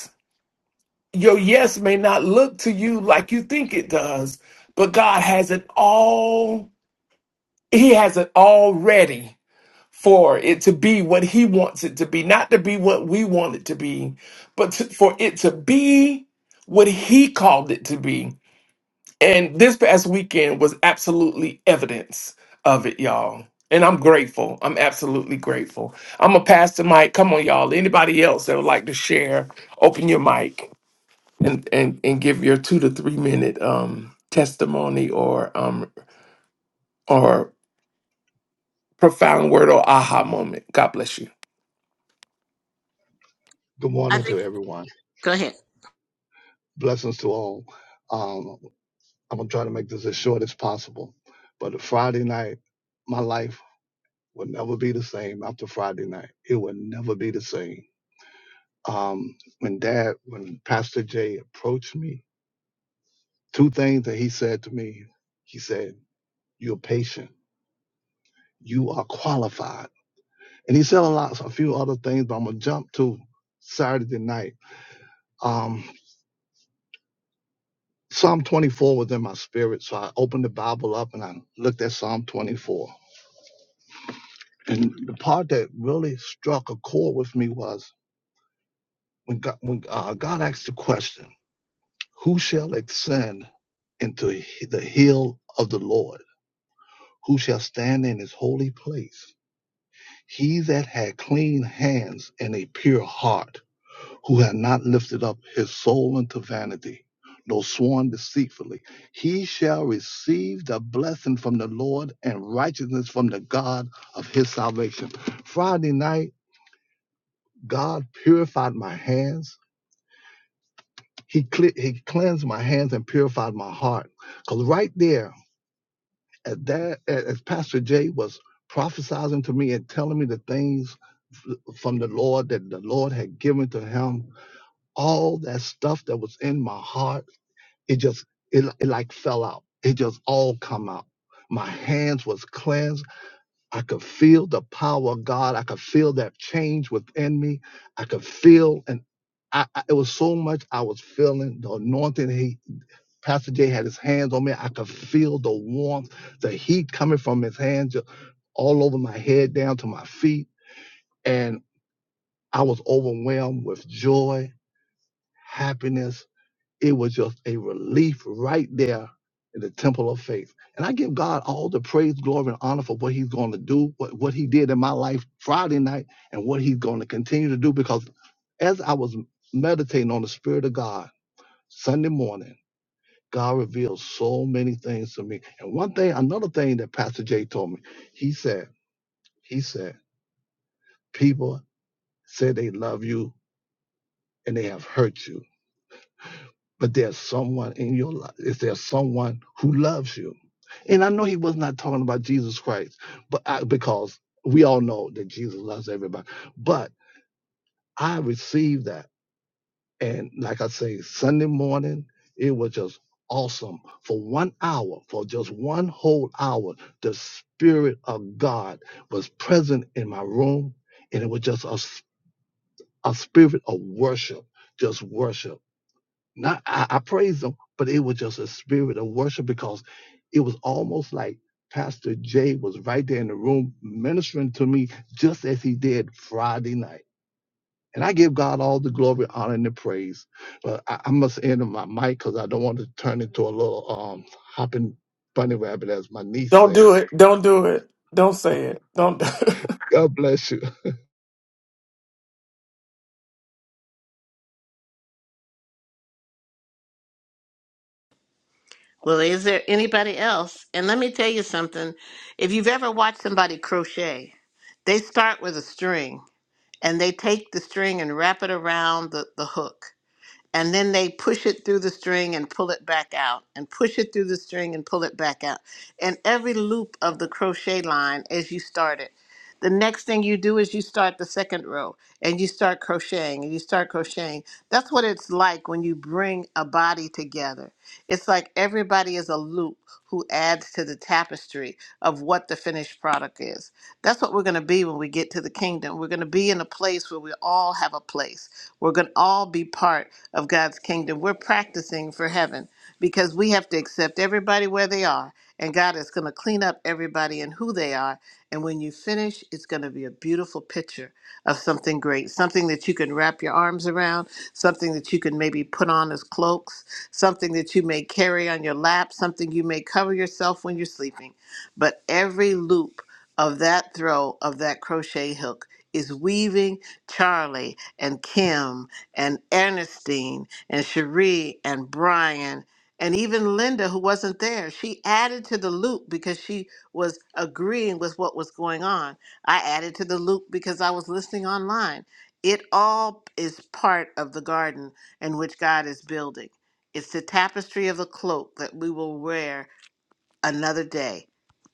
A: your yes may not look to you like you think it does, but God has it all. He has it all ready for it to be what He wants it to be, not to be what we want it to be, but to, for it to be what He called it to be. And this past weekend was absolutely evidence of it, y'all. And I'm grateful. I'm absolutely grateful. I'm a pastor, Mike. Come on, y'all. Anybody else that would like to share, open your mic and and and give your two to three minute um testimony or um or profound word or aha moment. God bless you.
J: Good
H: I
J: morning to
H: think.
J: everyone.
H: Go ahead.
J: Blessings to all. Um, I'm gonna try to make this as short as possible. But Friday night, my life will never be the same after Friday night. It will never be the same. Um, when Dad, when Pastor Jay approached me, two things that he said to me. He said, "You're patient. You are qualified." And he said a lot, a few other things. But I'm gonna jump to Saturday night. Um, Psalm 24 was in my spirit, so I opened the Bible up and I looked at Psalm 24. And the part that really struck a chord with me was when God, when, uh, God asked the question, Who shall ascend into the hill of the Lord? Who shall stand in his holy place? He that had clean hands and a pure heart who had not lifted up his soul unto vanity, nor sworn deceitfully, he shall receive the blessing from the Lord and righteousness from the God of his salvation. Friday night, God purified my hands. He, cle- he cleansed my hands and purified my heart. Because right there, as, that, as Pastor Jay was prophesizing to me and telling me the things f- from the Lord that the Lord had given to him, all that stuff that was in my heart it just it, it like fell out it just all come out my hands was cleansed i could feel the power of god i could feel that change within me i could feel and I, I- it was so much I was feeling the anointing. He, Pastor Jay had his hands on me. I could feel the warmth, the heat coming from his hands ju- all over my head down to my feet. And I was overwhelmed with joy, happiness, It was just a relief right there in the temple of faith. And I give God all the praise, glory, and honor for what He's going to do, what, what He did in my life Friday night, and what He's going to continue to do. Because as I was meditating on the Spirit of God Sunday morning, God revealed so many things to me. And one thing, another thing that Pastor Jay told me, he said, he said, people say they love you and they have hurt you but there's someone in your life. Is there someone who loves you? And I know he was not talking about Jesus Christ, but I, because we all know that Jesus loves everybody. But I received that, and like I say, Sunday morning it was just awesome for one hour, for just one whole hour. The Spirit of God was present in my room, and it was just a s a a spirit of worship, just worship. Not I, I praised him, but it was just a spirit of worship because it was almost like Pastor Jay was right there in the room ministering to me just as he did Friday night. And I give God all the glory, honor, and the praise. But I, I must end my mic because I don't want to turn into a little um hopping bunny rabbit, as my niece
A: Don't
J: say.
A: do it. Don't do it. Don't say it. Don't do it.
J: God bless you.
H: Well, is there anybody else? And let me tell you something. If you've ever watched somebody crochet, they start with a string and they take the string and wrap it around the, the hook. and then they push it through the string and pull it back out and push it through the string and pull it back out and every loop of the crochet line as you start it the next thing you do is you start the second row and you start crocheting and you start crocheting that's what it's like when you bring a body together it's like everybody is a loop who adds to the tapestry of what the finished product is that's what we're going to be when we get to the kingdom we're going to be in a place where we all have a place we're going to all be part of God's kingdom. We're practicing for heaven because we have to accept everybody where they are. And God is going to clean up everybody and who they are. And when you finish, it's going to be a beautiful picture of something great, something that you can wrap your arms around, something that you can maybe put on as cloaks, something that you may carry on your lap, something you may cover yourself when you're sleeping. But every loop of that throw of that crochet hook is weaving Charlie and Kim and Ernestine and Cherie and Brian and even Linda, who wasn't there. She added to the loop because she was agreeing with what was going on. I added to the loop because I was listening online. It all is part of the garden in which God is building. It's the tapestry of the cloak that we will wear another day.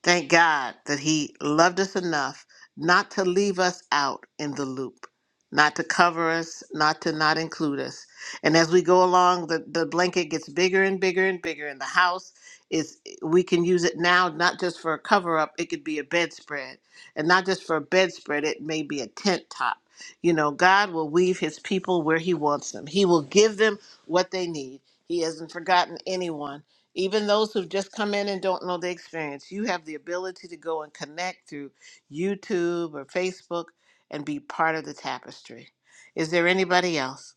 H: Thank God that He loved us enough not to leave us out in the loop, not to cover us, not to not include us. And as we go along, the, the blanket gets bigger and bigger and bigger, and the house is, we can use it now, not just for a cover up, it could be a bedspread. And not just for a bedspread, it may be a tent top. You know, God will weave His people where He wants them, He will give them what they need. He hasn't forgotten anyone even those who've just come in and don't know the experience, you have the ability to go and connect through YouTube or Facebook and be part of the tapestry. Is there anybody else?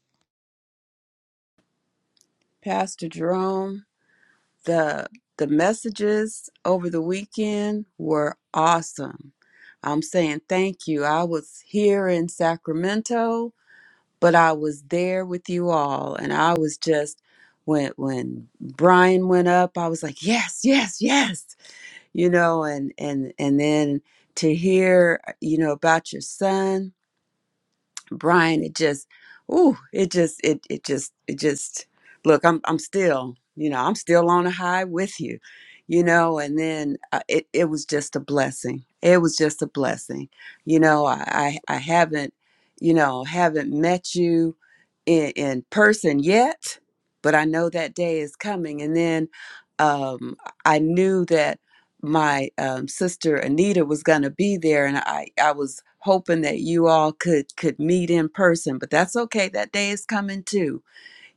C: Pastor Jerome. The the messages over the weekend were awesome. I'm saying thank you. I was here in Sacramento but I was there with you all and I was just when when Brian went up I was like yes yes yes you know and and and then to hear you know about your son Brian, it just, ooh, it just, it, it just, it just. Look, I'm, I'm still, you know, I'm still on a high with you, you know. And then uh, it, it was just a blessing. It was just a blessing, you know. I, I, I haven't, you know, haven't met you in, in person yet, but I know that day is coming. And then, um, I knew that my um, sister Anita was going to be there, and I I was hoping that you all could could meet in person, but that's okay. That day is coming too,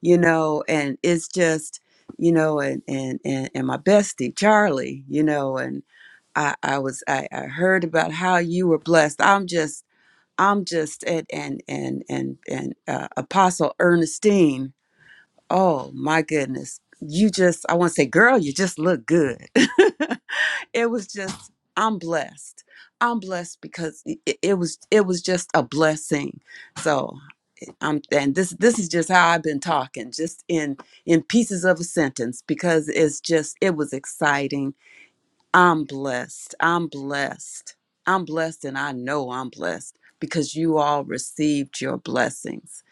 C: you know. And it's just you know, and and and, and my bestie Charlie, you know, and I I was I, I heard about how you were blessed. I'm just I'm just at and and and and uh, Apostle Ernestine. Oh my goodness. You just, I want to say, girl, you just look good. it was just i'm blessed i'm blessed because i- it was it was just a blessing so i'm and this this is just how i've been talking just in in pieces of a sentence because it's just it was exciting I'm blessed. I'm blessed. I'm blessed, and I know I'm blessed because you all received your blessings.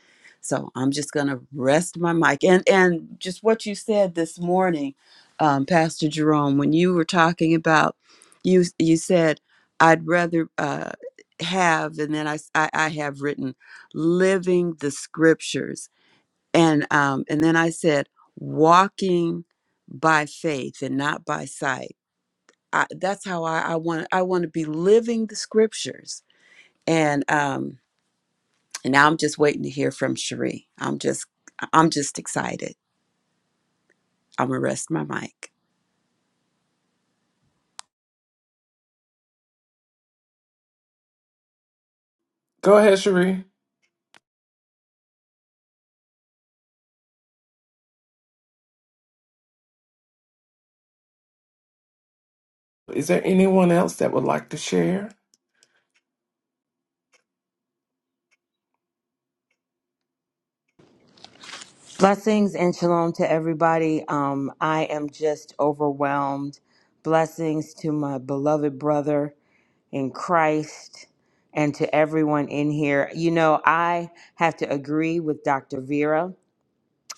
C: So I'm just gonna rest my mic and and just what you said this morning, um, Pastor Jerome, when you were talking about you you said I'd rather uh, have and then I, s- I I have written living the scriptures and um, and then I said walking by faith and not by sight I, that's how I, I want I want to be living the scriptures. And um and now I'm just waiting to hear from Cherie. I'm just I'm just excited. I'm gonna rest my mic.
A: Go ahead, Cherie. Is there anyone else that would like to share?
F: Blessings and shalom to everybody. Um, I am just overwhelmed. Blessings to my beloved brother in Christ and to everyone in here. You know, I have to agree with Dr. Vera.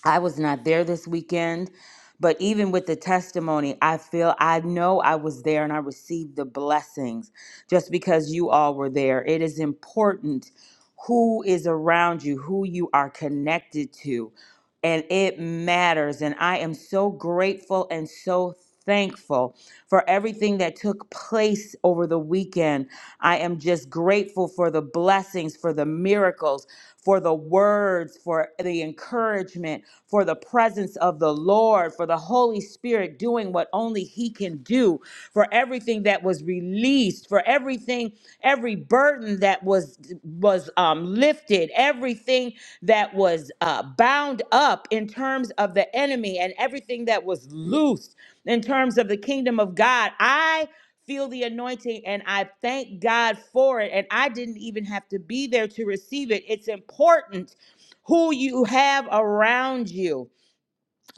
F: I was not there this weekend, but even with the testimony, I feel I know I was there and I received the blessings just because you all were there. It is important who is around you, who you are connected to, and it matters. And I am so grateful and so thankful for everything that took place over the weekend. I am just grateful for the blessings, for the miracles, for the words, for the encouragement encouragement, for the presence of the Lord, for the Holy Spirit doing what only He can do, for everything that was released, for everything, every burden that was was um, lifted, everything that was uh, bound up in terms of the enemy, and everything that was loosed in terms of the kingdom of God. I feel the anointing and I thank God for it. And I didn't even have to be there to receive it. It's important who you have around you.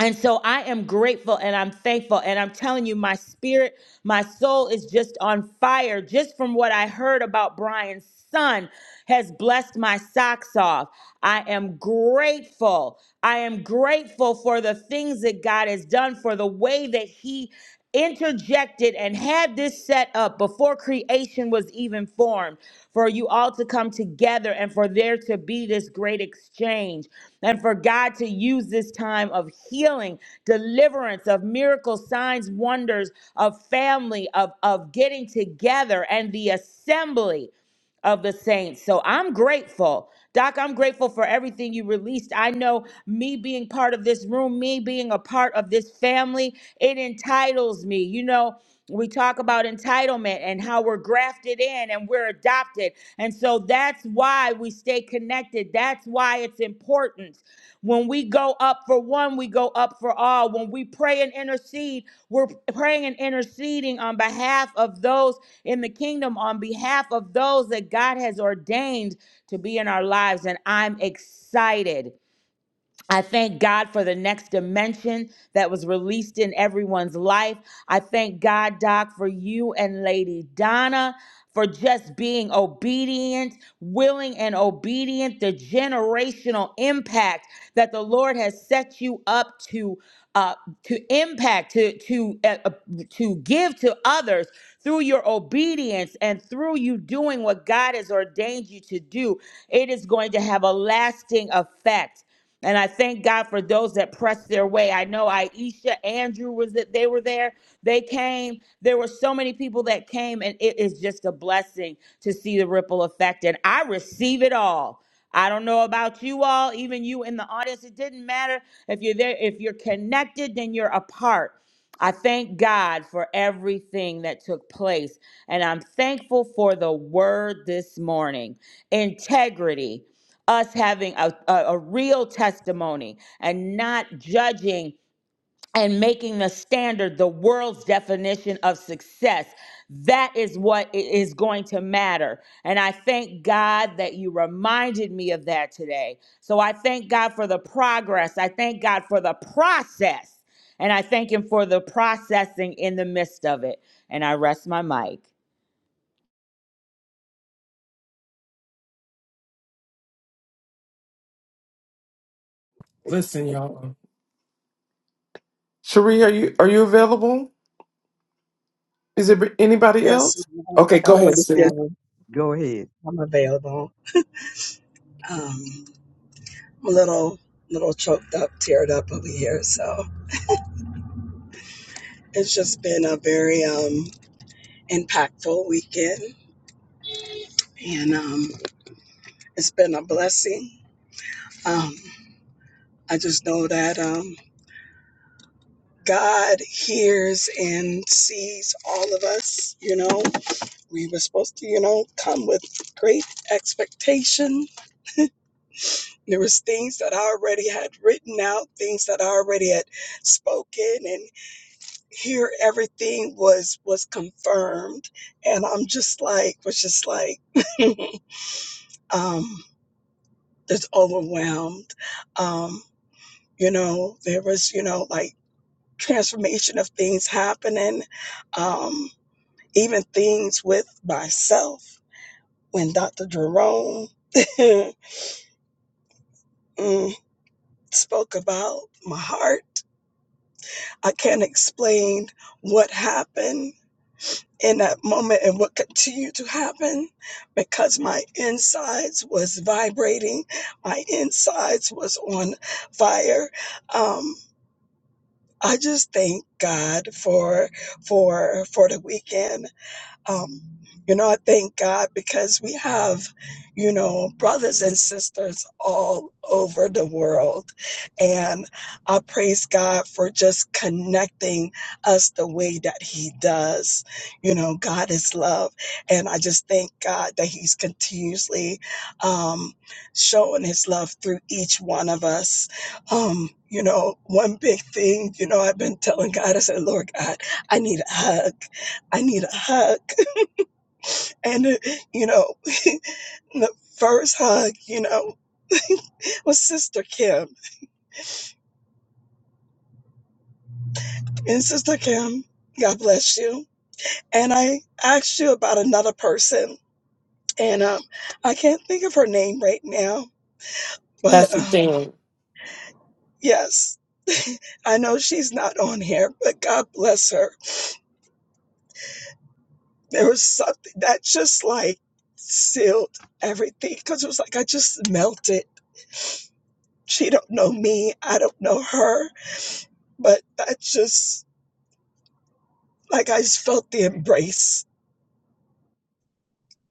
F: And so I am grateful and I'm thankful. And I'm telling you, my spirit, my soul is just on fire just from what I heard about Brian's son has blessed my socks off. I am grateful. I am grateful for the things that God has done, for the way that He interjected and had this set up before before creation was even formed, for you all to come together and for there to be this great exchange, and for God to use this time of healing, deliverance, of miracles, signs, wonders, of family, of, of getting together and the assembly of the saints. So I'm grateful. Doc, I'm grateful for everything you released. I know me being part of this room, me being a part of this family, it entitles me. You know, we talk about entitlement and how we're grafted in and we're adopted. And so that's why we stay connected. That's why it's important. When we go up for one, we go up for all. When we pray and intercede, we're praying and interceding on behalf of those in the kingdom, on behalf of those that God has ordained to be in our lives. And I'm excited. I thank God for the next dimension that was released in everyone's life. I thank God, Doc, for you and Lady Donna for just being obedient, willing, and obedient, the generational impact that the Lord has set you up to. Uh, to impact, to to uh, uh, to give to others through your obedience and through you doing what God has ordained you to do, it is going to have a lasting effect. And I thank God for those that pressed their way. I know Aisha, Andrew was that they were there. They came. There were so many people that came, and it is just a blessing to see the ripple effect. And I receive it all. I don't know about you all, even you in the audience. It didn't matter if you're there, if you're connected, then you're a part. I thank God for everything that took place. And I'm thankful for the word this morning integrity us having a, a, a real testimony and not judging and making the standard the world's definition of success. That is what i- is going to matter. And I thank God that you reminded me of that today. So I thank God for the progress. I thank God for the process. And I thank Him for the processing in the midst of it. And I rest my mic.
A: Listen, y'all. Cherie, are you are you available? Is there anybody
K: Yes,
A: else?
K: ma'am.
A: Okay,
I: I
A: go
I: want
A: ahead,
I: to
K: Yes,
A: sis.
I: share.
K: ma'am.
I: Go ahead.
K: I'm available. Um, I'm a little, little choked up, teared up over here. So it's just been a very um, impactful weekend, and um, it's been a blessing. Um, I just know that um, God hears and sees all of us. You know, we were supposed to, you know, come with great expectation. There was things that I already had written out, things that I already had spoken here everything was was confirmed and i'm just like was just like um just overwhelmed um you know there was you know like transformation of things happening um even things with myself when dr jerome mm, spoke about my heart i can't explain what happened in that moment and what continued to happen because my insides was vibrating my insides was on fire um I just thank God for for for the weekend um, you know, I thank God because we have, you know, brothers and sisters all over the world. And I praise God for just connecting us the way that He does. You know, God is love. And I just thank God that He's continuously um, showing His love through each one of us. Um, you know, one big thing, you know, I've been telling God, I said, Lord God, I need a hug. I need a hug. And, uh, you know, the first hug, you know, was Sister Kim. And Sister Kim, God bless you. And I asked you about another person, and um, I can't think of her name right now, but
A: Pastor
K: um,
A: Sam.
K: yes, I know she's not on here, but God bless her. There was something that just like sealed everything because it was like I just melted. She don't know me, I don't know her, but I just like I just felt the embrace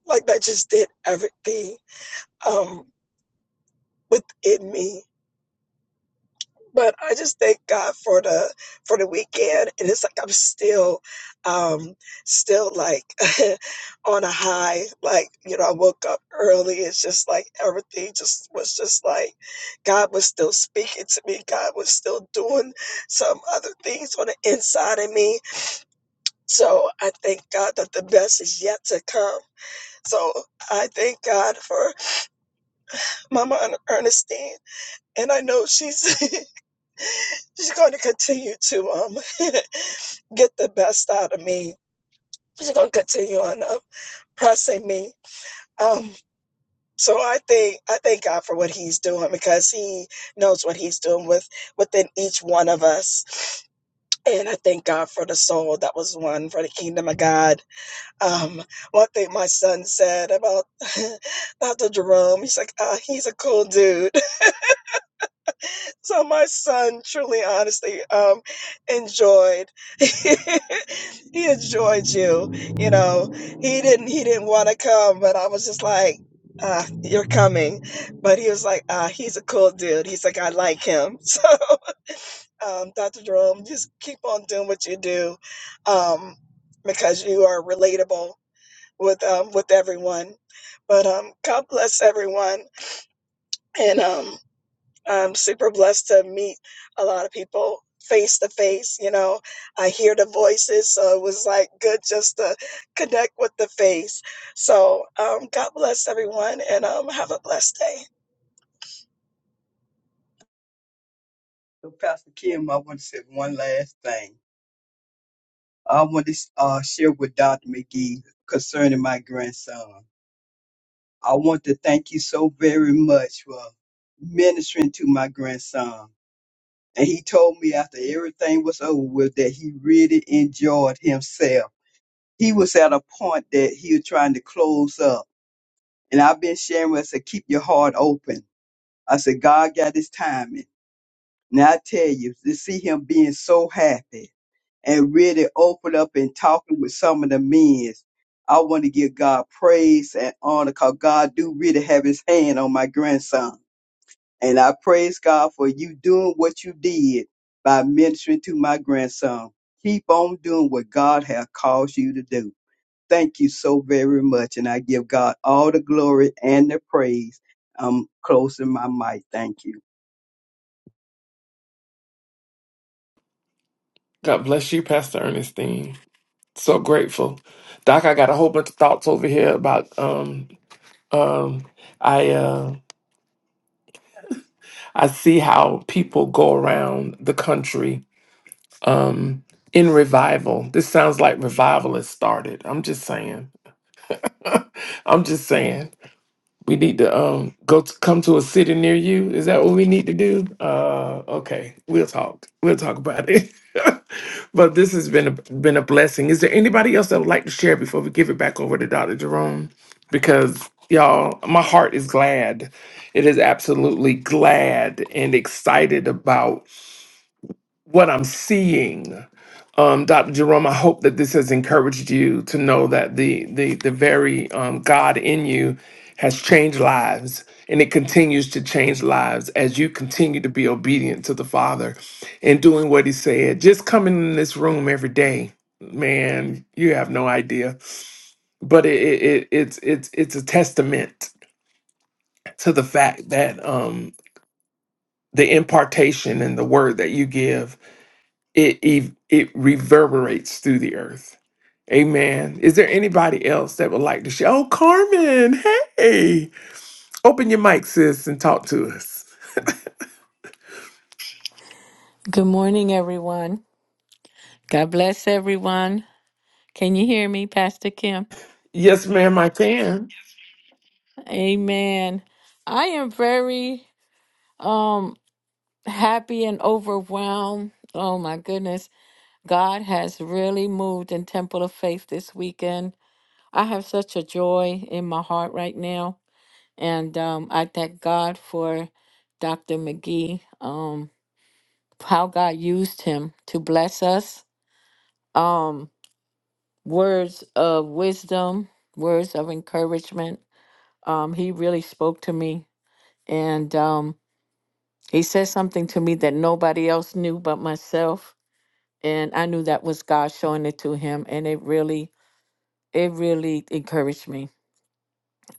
K: Like that just did everything um, within me. But I just thank God for the for the weekend, and it's like I'm still, um, still like on a high. Like you know, I woke up early. It's just like everything just was just like God was still speaking to me. God was still doing some other things on the inside of me. So I thank God that the best is yet to come. So I thank God for Mama Ern- Ernestine. and I know she's she's going to continue to um get the best out of me. She's going to continue on uh, pressing me. Um, so I think I thank God for what He's doing because He knows what He's doing with within each one of us. And I thank God for the soul that was won for the kingdom of God. Um, one thing my son said about Dr. Jerome, he's like, uh, he's a cool dude So my son truly, honestly, um, enjoyed. he enjoyed you. You know, he didn't. He didn't want to come, but I was just like, uh, "You're coming." But he was like, uh, "He's a cool dude." He's like, "I like him." So, um, Dr. Jerome, just keep on doing what you do, um, because you are relatable with um, with everyone. But um, God bless everyone, and um. I'm super blessed to meet a lot of people face to face. You know, I hear the voices, so it was like good just to connect with the face. So, um, God bless everyone, and um, have a blessed day.
I: So Pastor Kim, I want to say one last thing. I want to uh, share with Dr. McGee concerning my grandson. I want to thank you so very much for ministering to my grandson. And he told me after everything was over with that he really enjoyed himself. He was at a point that he was trying to close up. And I've been sharing with I said, keep your heart open. I said, God got his timing. Now I tell you, to see him being so happy and really open up and talking with some of the men, I want to give God praise and honor because God do really have his hand on my grandson and I praise God for you doing what you did by ministering to my grandson. Keep on doing what God has called you to do. Thank you so very much. And I give God all the glory and the praise. I'm closing my mic. Thank you.
A: God bless you, Pastor Ernestine. So grateful. Doc, I got a whole bunch of thoughts over here about um Um, I uh, I see how people go around the country um, in revival. This sounds like revival has started. I'm just saying. I'm just saying. We need to um go to, come to a city near you. Is that what we need to do? Uh, okay, we'll talk. We'll talk about it. but this has been a, been a blessing. Is there anybody else that would like to share before we give it back over to Dr. Jerome? Because y'all, my heart is glad. It is absolutely glad and excited about what I'm seeing. Um, Dr. Jerome, I hope that this has encouraged you to know that the the the very um, God in you has changed lives, and it continues to change lives as you continue to be obedient to the Father and doing what He said. Just coming in this room every day, man, you have no idea. But it, it, it it's it's it's a testament to the fact that um, the impartation and the word that you give It, it it reverberates through the earth. Amen. Is there anybody else that would like to share? Oh, Carmen, hey, open your mic, sis, and talk to us.
L: Good morning, everyone. God bless everyone. Can you hear me, Pastor Kim?
A: Yes, ma'am, I can.
L: Amen. I am very um happy and overwhelmed. Oh my goodness. God has really moved in Temple of Faith this weekend. I have such a joy in my heart right now. And um, I thank God for Dr. McGee, um, how God used him to bless us. Um words of wisdom, words of encouragement. Um, he really spoke to me, and um, he said something to me that nobody else knew but myself, and I knew that was God showing it to him, and it really, it really encouraged me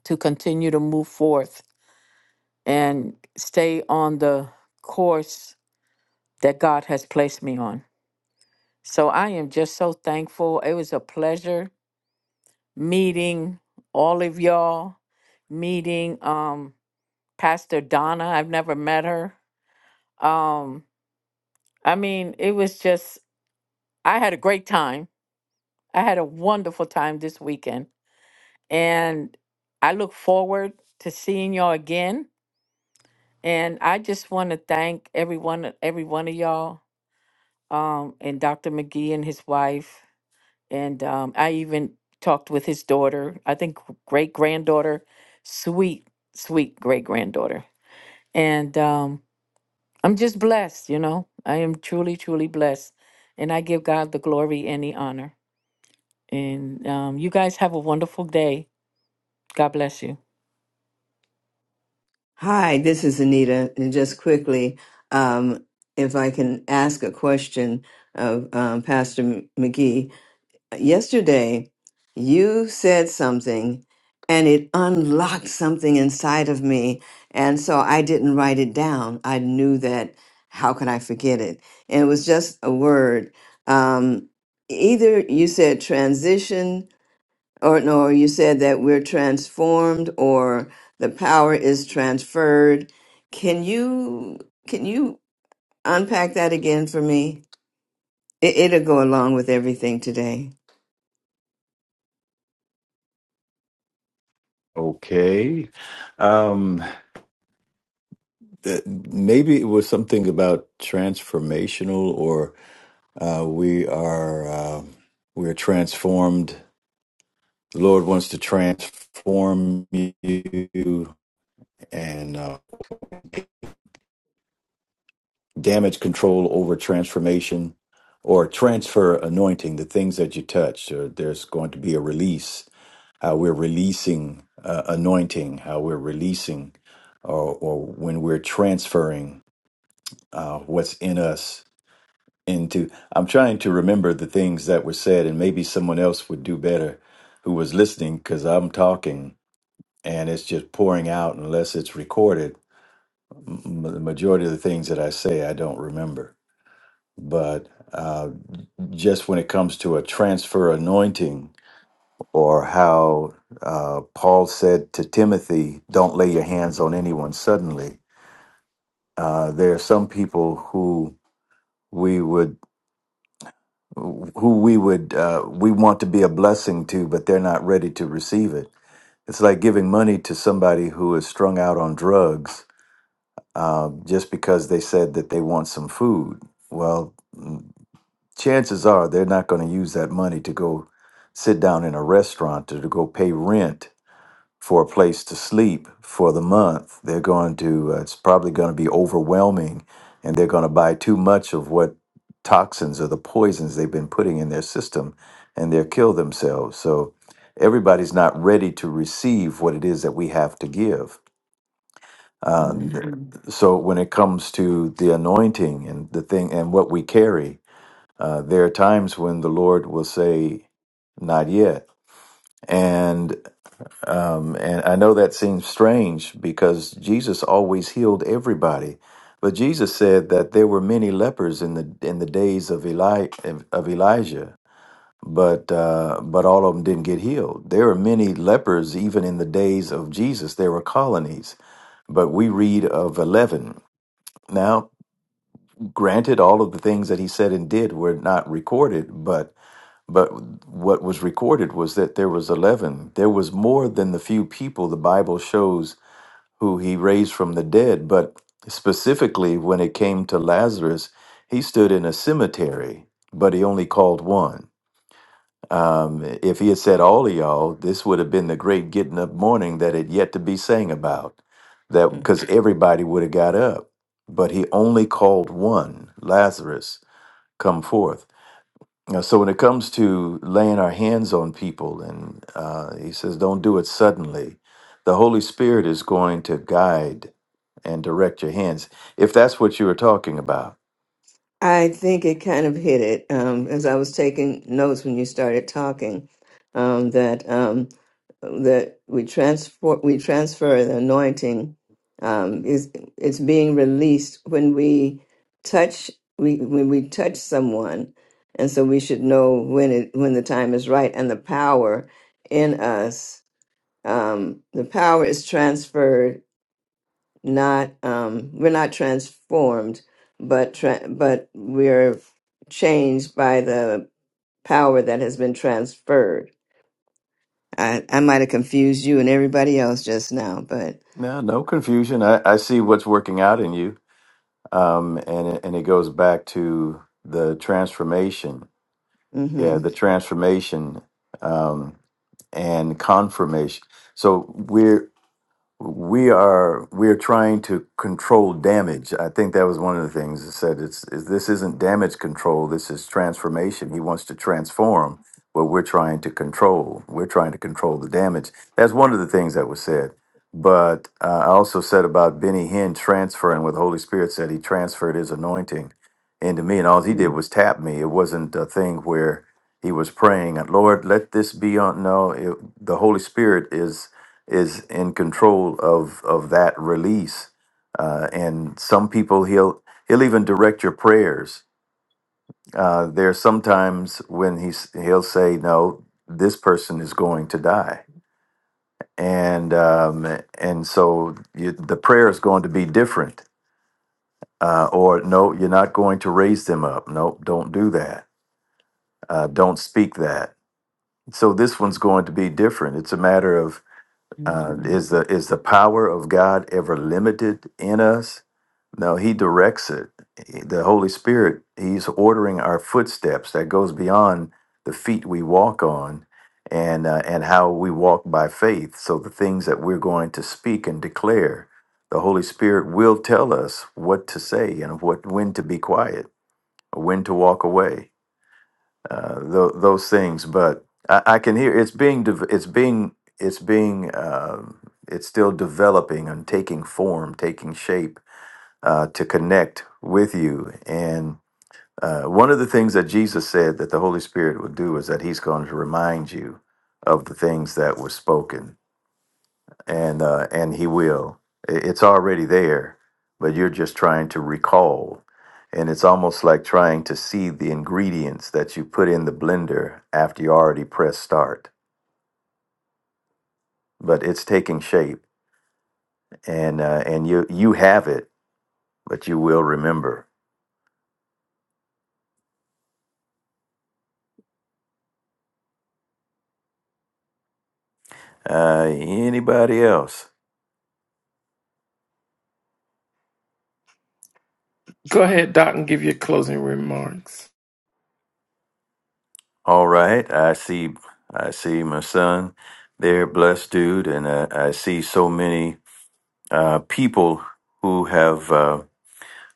L: to continue to move forth and stay on the course that God has placed me on. So I am just so thankful. It was a pleasure meeting all of y'all, meeting. Um, Pastor Donna. I've never met her. Um, I mean, it was just, I had a great time. I had a wonderful time this weekend. And I look forward to seeing y'all again. And I just want to thank everyone, every one of y'all, um, and Dr. McGee and his wife. And um, I even talked with his daughter, I think great granddaughter, sweet, sweet great granddaughter. And um, I'm just blessed, you know. I am truly, truly blessed. And I give God the glory and the honor. And um, you guys have a wonderful day. God bless you.
G: Hi, this is Anita. And just quickly, um, if I can ask a question of um, Pastor M- McGee. Yesterday, you said something and it unlocked something inside of me. And so I didn't write it down. I knew that, how could I forget it? And it was just a word. Um, either you said transition or no, you said that we're transformed or the power is transferred. Can you can you unpack that again for me? It, it'll go along with everything today.
D: Okay. Um, that maybe it was something about transformational or uh, we are um we're transformed the lord wants to transform you and uh, damage control over transformation or transfer anointing the things that you touch or there's going to be a release how we're releasing uh, anointing how we're releasing or, or when we're transferring uh, what's in us into i'm trying to remember the things that were said and maybe someone else would do better who was listening because i'm talking and it's just pouring out unless it's recorded M- the majority of the things that i say i don't remember but uh, just when it comes to a transfer anointing or how uh, paul said to timothy don't lay your hands on anyone suddenly uh, there are some people who we would who we would uh, we want to be a blessing to, but they're not ready to receive it. It's like giving money to somebody who is strung out on drugs uh, just because they said that they want some food. Well, mm, chances are they're not going to use that money to go sit down in a restaurant or to go pay rent for a place to sleep for the month. They're going to, uh, it's probably going to be overwhelming, and they're going to buy too much of what toxins or the poisons they've been putting in their system, and they'll kill themselves. So everybody's not ready to receive what it is that we have to give. Um, Mhm.
G: Mhm.
D: so when it comes to the anointing and the thing and what we carry, uh, there are times when the Lord will say, "Not yet," and um, and I know that seems strange because Jesus always healed everybody, but Jesus said that there were many lepers in the in the days of Eli of of Elijah, but uh, but all of them didn't get healed. There were many lepers even in the days of Jesus. There were colonies, but we read of eleven. Now, granted, all of the things that he said and did were not recorded, but but what was recorded was that there was eleven. There was more than the few people the Bible shows who he raised from the dead. But specifically, when it came to Lazarus, he stood in a cemetery, but he only called one. Um, if he had said all of y'all, this would have been the great getting up morning that had yet to be sang about. That because everybody would have got up, but he only called one, Lazarus, come forth. Now, so when it comes to laying our hands on people, and uh, he says, don't do it suddenly. The Holy Spirit is going to guide and direct your hands, if that's what you were talking about.
G: I think it kind of hit it um, as I was taking notes when you started talking um, that um, that we transfer we transfer the anointing um, is it's being released when we touch we when we touch someone, and so we should know when it when the time is right and the power in us um, the power is transferred not um we're not transformed but tra- but we're changed by the power that has been transferred i i might have confused you and everybody else just now but
D: No, no confusion. I, I see what's working out in you. Um, and, it- and it goes back to the transformation. Yeah, the
G: mhm
D: transformation um, and confirmation. So we're we are we are trying to control damage. I think that was one of the things that said it's is this isn't damage control. This is transformation. He wants to transform what we're trying to control. We're trying to control the damage. That's one of the things that was said. But uh, I also said about Benny Hinn transferring what the Holy Spirit said. He transferred his anointing into me, and all he did
G: Mm.
D: was tap me. It wasn't a thing where he was praying, "Lord, let this be on." No, it, the Holy Spirit is is in control of of that release. Uh, and some people he'll he'll even direct your prayers. Uh, there are sometimes when he's he'll say, "No, this person is going to die," and um, and so you, the prayer is going to be different. Uh, or no, you're not going to raise them up. Nope, don't do that. Uh, don't speak that. So this one's going to be different. It's a matter of Uh,
G: Mhm.
D: is the is the power of God ever limited in us? No, He directs it. The Holy Spirit, He's ordering our footsteps. That goes beyond the feet we walk on, and uh, and how we walk by faith. So the things that we're going to speak and declare, the Holy Spirit will tell us what to say and what when to be quiet, when to walk away uh, tho- those things. But I, I can hear it's being dev- it's being it's being um it's still developing and taking form, taking shape uh, to connect with you. And uh, one of the things that Jesus said that the Holy Spirit would do is that He's going to remind you of the things that were spoken and uh, and he will. I- It's already there, but you're just trying to recall, and it's almost like trying to see the ingredients that you put in the blender after you already press start. But it's taking shape, and uh, and you you have it, but you will remember. Uh, anybody else?
A: Go ahead, Doc, and give your closing remarks.
D: All right, I see. I see my son there, blessed dude, and uh, I see so many uh, people who have. Uh,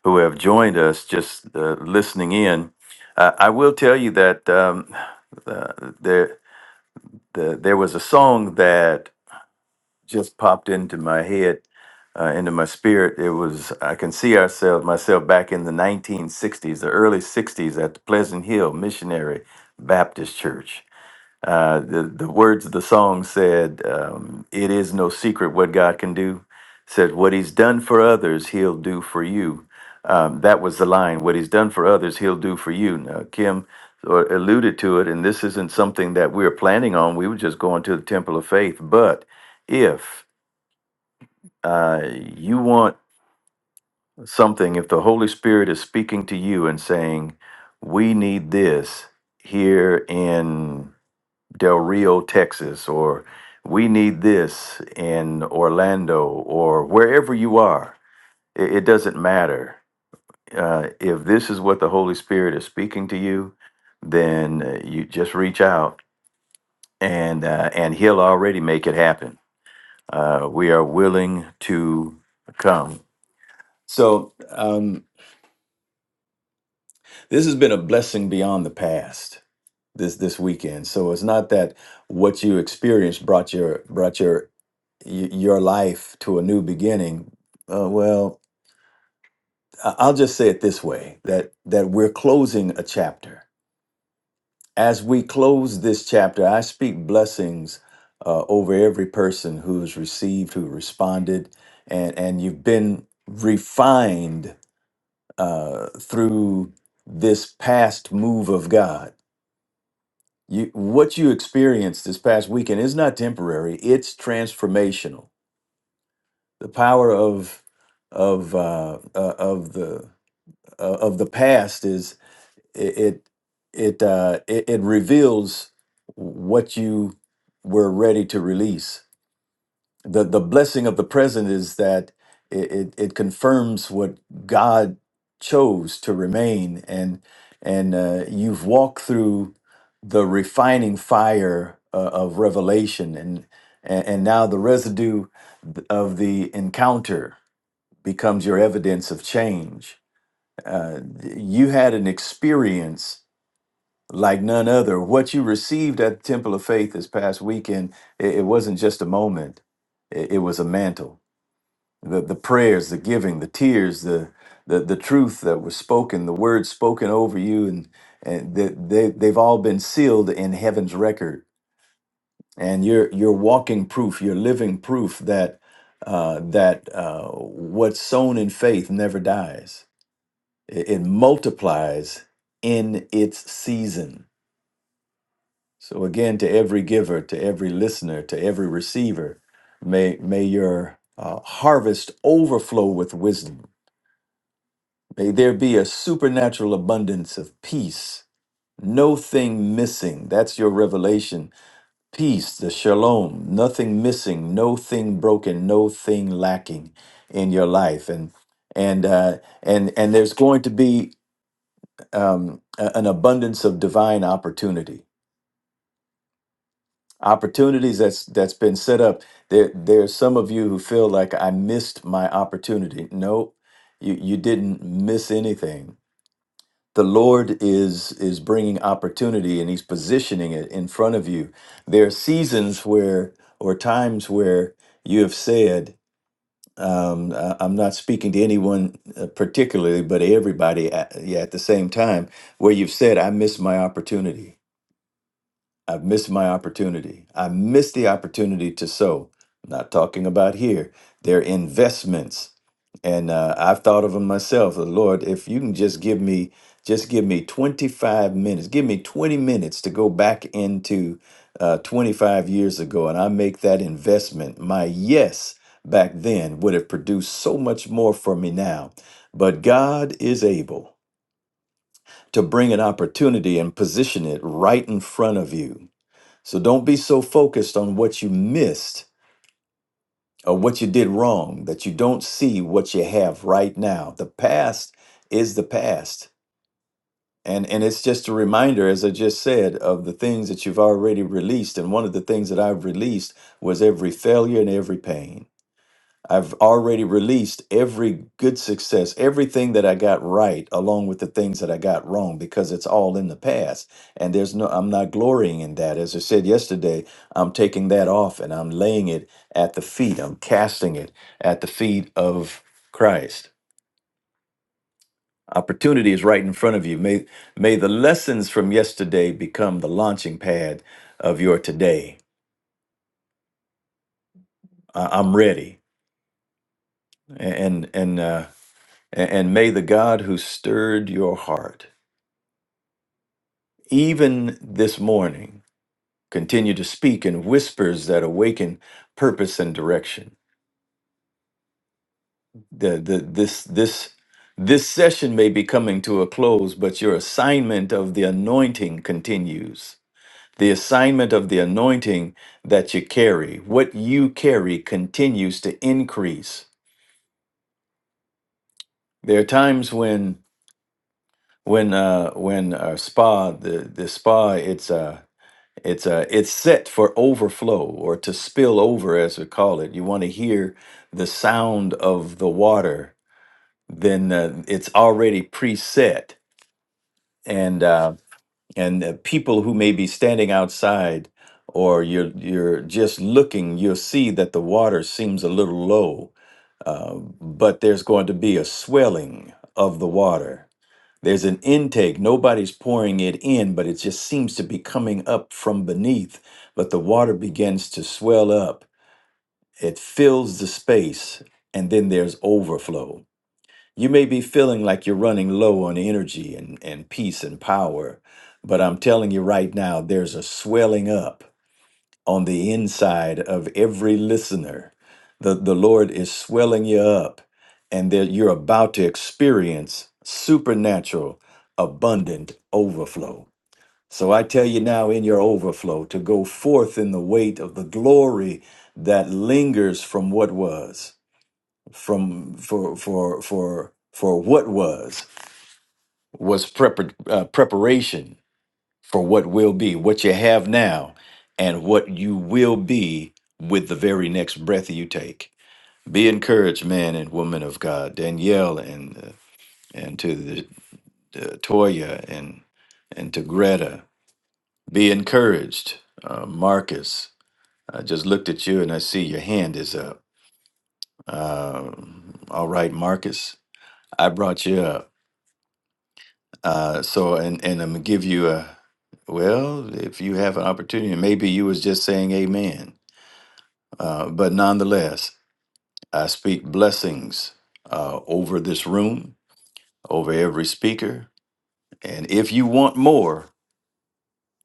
D: who have joined us just uh, listening in. Uh, I will tell you that um, uh, there the, there was a song that just popped into my head, uh, into my spirit. It was I can see ourselves myself back in the 1960s, the early 60s at the Pleasant Hill Missionary Baptist Church. Uh, the, the words of the song said, um, It is no secret what God can do. Said, What he's done for others, he'll do for you. Um, that was the line. What he's done for others, he'll do for you. Now, Kim uh, alluded to it, and this isn't something that we are planning on. We were just going to the temple of faith. But if uh, you want something, if the Holy Spirit is speaking to you and saying, We need this here in Del Rio, Texas, or we need this in Orlando, or wherever you are. It, it doesn't matter. Uh, if this is what the Holy Spirit is speaking to you, then uh, you just reach out and uh, and He'll already make it happen. Uh, we are willing to come. So um, this has been a blessing beyond the past this this weekend. So it's not that what you experienced brought your brought your y- your life to a new beginning. Uh, well, I- I'll just say it this way: that that we're closing a chapter. As we close this chapter, I speak blessings uh, over every person who's received, who responded, and and you've been refined uh, through this past move of God You, what you experienced this past weekend is not temporary; it's transformational. The power of of uh, uh, of the uh, of the past is it it it, uh, it it reveals what you were ready to release the the blessing of the present is that it, it, it confirms what God chose to remain and and uh, you've walked through the refining fire uh, of revelation and and and now the residue of the encounter becomes your evidence of change. Uh, you had an experience like none other. What you received at the Temple of Faith this past weekend, it, it wasn't just a moment; it it was a mantle the the prayers, the giving, the tears, the the the truth that was spoken, the words spoken over you, and and that they, they've all been sealed in heaven's record, and you're you're walking proof, you're living proof that uh, that uh, what's sown in faith never dies; it, it multiplies in its season. So again, to every giver, to every listener, to every receiver, may may your uh, harvest overflow with wisdom May there be a supernatural abundance of peace, no thing missing. That's your revelation. Peace, the shalom, nothing missing, no thing broken, no thing lacking in your life. And and uh, and and there's going to be um, a- an abundance of divine opportunity, opportunities that's that's been set up. There there's some of you who feel like I missed my opportunity. No, you you didn't miss anything the lord is is bringing opportunity and he's positioning it in front of you there are seasons where or times where you have said um, I- i'm not speaking to anyone uh, particularly but everybody at, yeah, at the same time where you've said i missed my opportunity I've missed my opportunity. I missed the opportunity to sow. I'm not talking about here. They're investments. And uh, I've thought of them myself. Lord, if you can just give me, just give me 25 minutes, give me 20 minutes to go back into uh, 25 years ago and I make that investment, my yes back then would have produced so much more for me now. But God is able to bring an opportunity and position it right in front of you so don't be so focused on what you missed or what you did wrong that you don't see what you have right now. The past is the past. And, and it's just a reminder, as I just said, of the things that you've already released. And one of the things that I've released was every failure and every pain. I've already released every good success, everything that I got right, along with the things that I got wrong, because it's all in the past. And there's no, I'm not glorying in that. As I said yesterday, I'm taking that off and I'm laying it at the feet. I'm casting it at the feet of Christ. Opportunity is right in front of you. May, may the lessons from yesterday become the launching pad of your today. I- I'm ready. And, and, uh, and and may the God who stirred your heart even this morning, continue to speak in whispers that awaken purpose and direction. The, the, this, this, this session may be coming to a close, but your assignment of the anointing continues. The assignment of the anointing that you carry, what you carry, continues to increase. There are times when, when, uh, when uh, spa, the, the spa, it's uh, It's uh, it's set for overflow or to spill over, as we call it. You want to hear the sound of the water, then uh, it's already preset, and uh, and uh, people who may be standing outside or you're you're just looking, you'll see that the water seems a little low, uh, but there's going to be a swelling of the water there's an intake. Nobody's pouring it in, but it just seems to be coming up from beneath. But the water begins to swell up, it fills the space, and then there's overflow. You may be feeling like you're running low on energy and, and peace and power, but I'm telling you right now, there's a swelling up on the inside of every listener. The, the Lord is swelling you up, and that you're about to experience supernatural, abundant overflow. So I tell you now, in your overflow, to go forth in the weight of the glory that lingers from what was, from for for for for what was was prepar- uh, preparation for what will be, what you have now, and what you will be with the very next breath you take. Be encouraged, man and woman of God, Danielle and uh, and to the uh, Toya and and to Greta. Be encouraged, uh, Marcus. I just looked at you and I see your hand is up. Um all right, Marcus, I brought you up. Uh, so and and I'm gonna give you a well. If you have an opportunity, maybe you was just saying Amen Uh, but nonetheless, I speak blessings uh, over this room, over every speaker. And if you want more,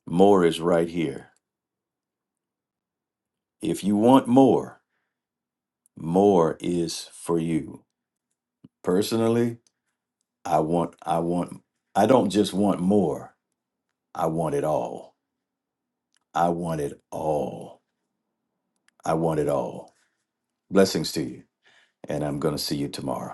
D: more is right here. If you want more, more is for you. Personally, I want, I want, I don't just want more, I want it all. I want it all. I want it all. Blessings to you. And I'm going to see you tomorrow.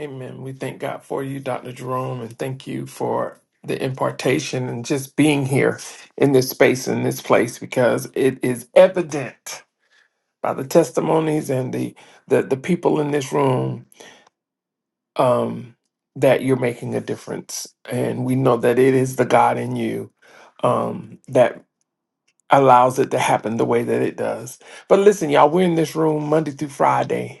A: Amen. We thank God for you, Dr. Jerome, and thank you for the impartation and just being here in this space, in this place, because it is evident by the testimonies and the the, the people in this room um, that you're making a difference. And we know that it is the God in you um, that allows it to happen the way that it does. But listen, y'all, we're in this room Monday through Friday.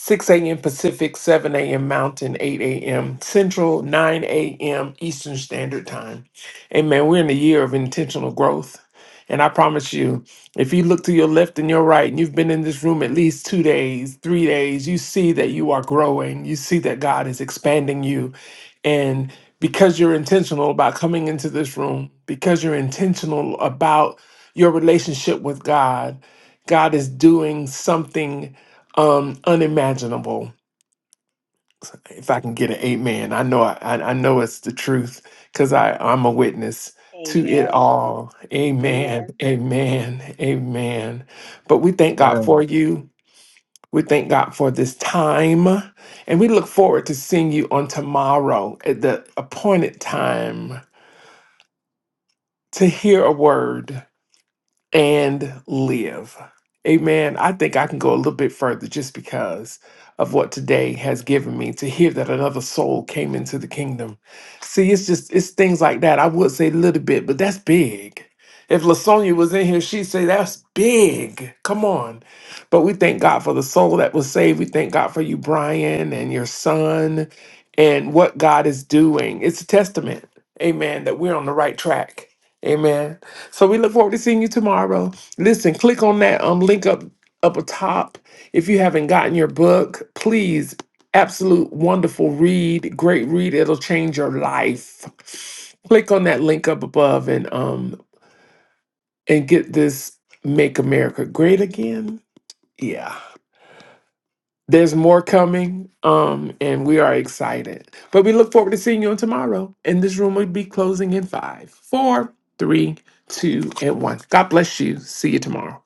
A: 6 a.m. Pacific, 7 a.m. Mountain, 8 a.m. Central, 9 a.m. Eastern Standard Time. Amen. We're in the year of intentional growth. And I promise you, if you look to your left and your right, and you've been in this room at least two days, three days, you see that you are growing. You see that God is expanding you. And because you're intentional about coming into this room, because you're intentional about your relationship with God, God is doing something um, unimaginable. If I can get an amen, I know I, I I know it's the truth because I I'm a witness to it
K: Amen.
A: all.
K: Amen.
A: Amen. Amen. Amen. But we thank God
J: Man.
A: for you. We thank God for this time, and we look forward to seeing you on tomorrow at the appointed time to hear a word. and live. Amen. I think I can go a little bit further just because of what today has given me to hear that another soul came into the kingdom. See, it's just it's things like that. I would say a little bit, but that's big. If Lasonia was in here, she'd say that's big. Come on. But we thank God for the soul that was saved. We thank God for you, Brian, and your son, and what God is doing. It's a testament, amen, that we're on the right track. Amen so we look forward to seeing you tomorrow. Listen, click on that um link up up atop. If you haven't gotten your book, please, absolute wonderful read, great read. It'll change your life. Click on that link up above and um and get this Make America Great Again. Yeah. There's more coming, um, and we are excited. But we look forward to seeing you on tomorrow. And this room will be closing in five, four, three, two, and one. God bless you. See you tomorrow.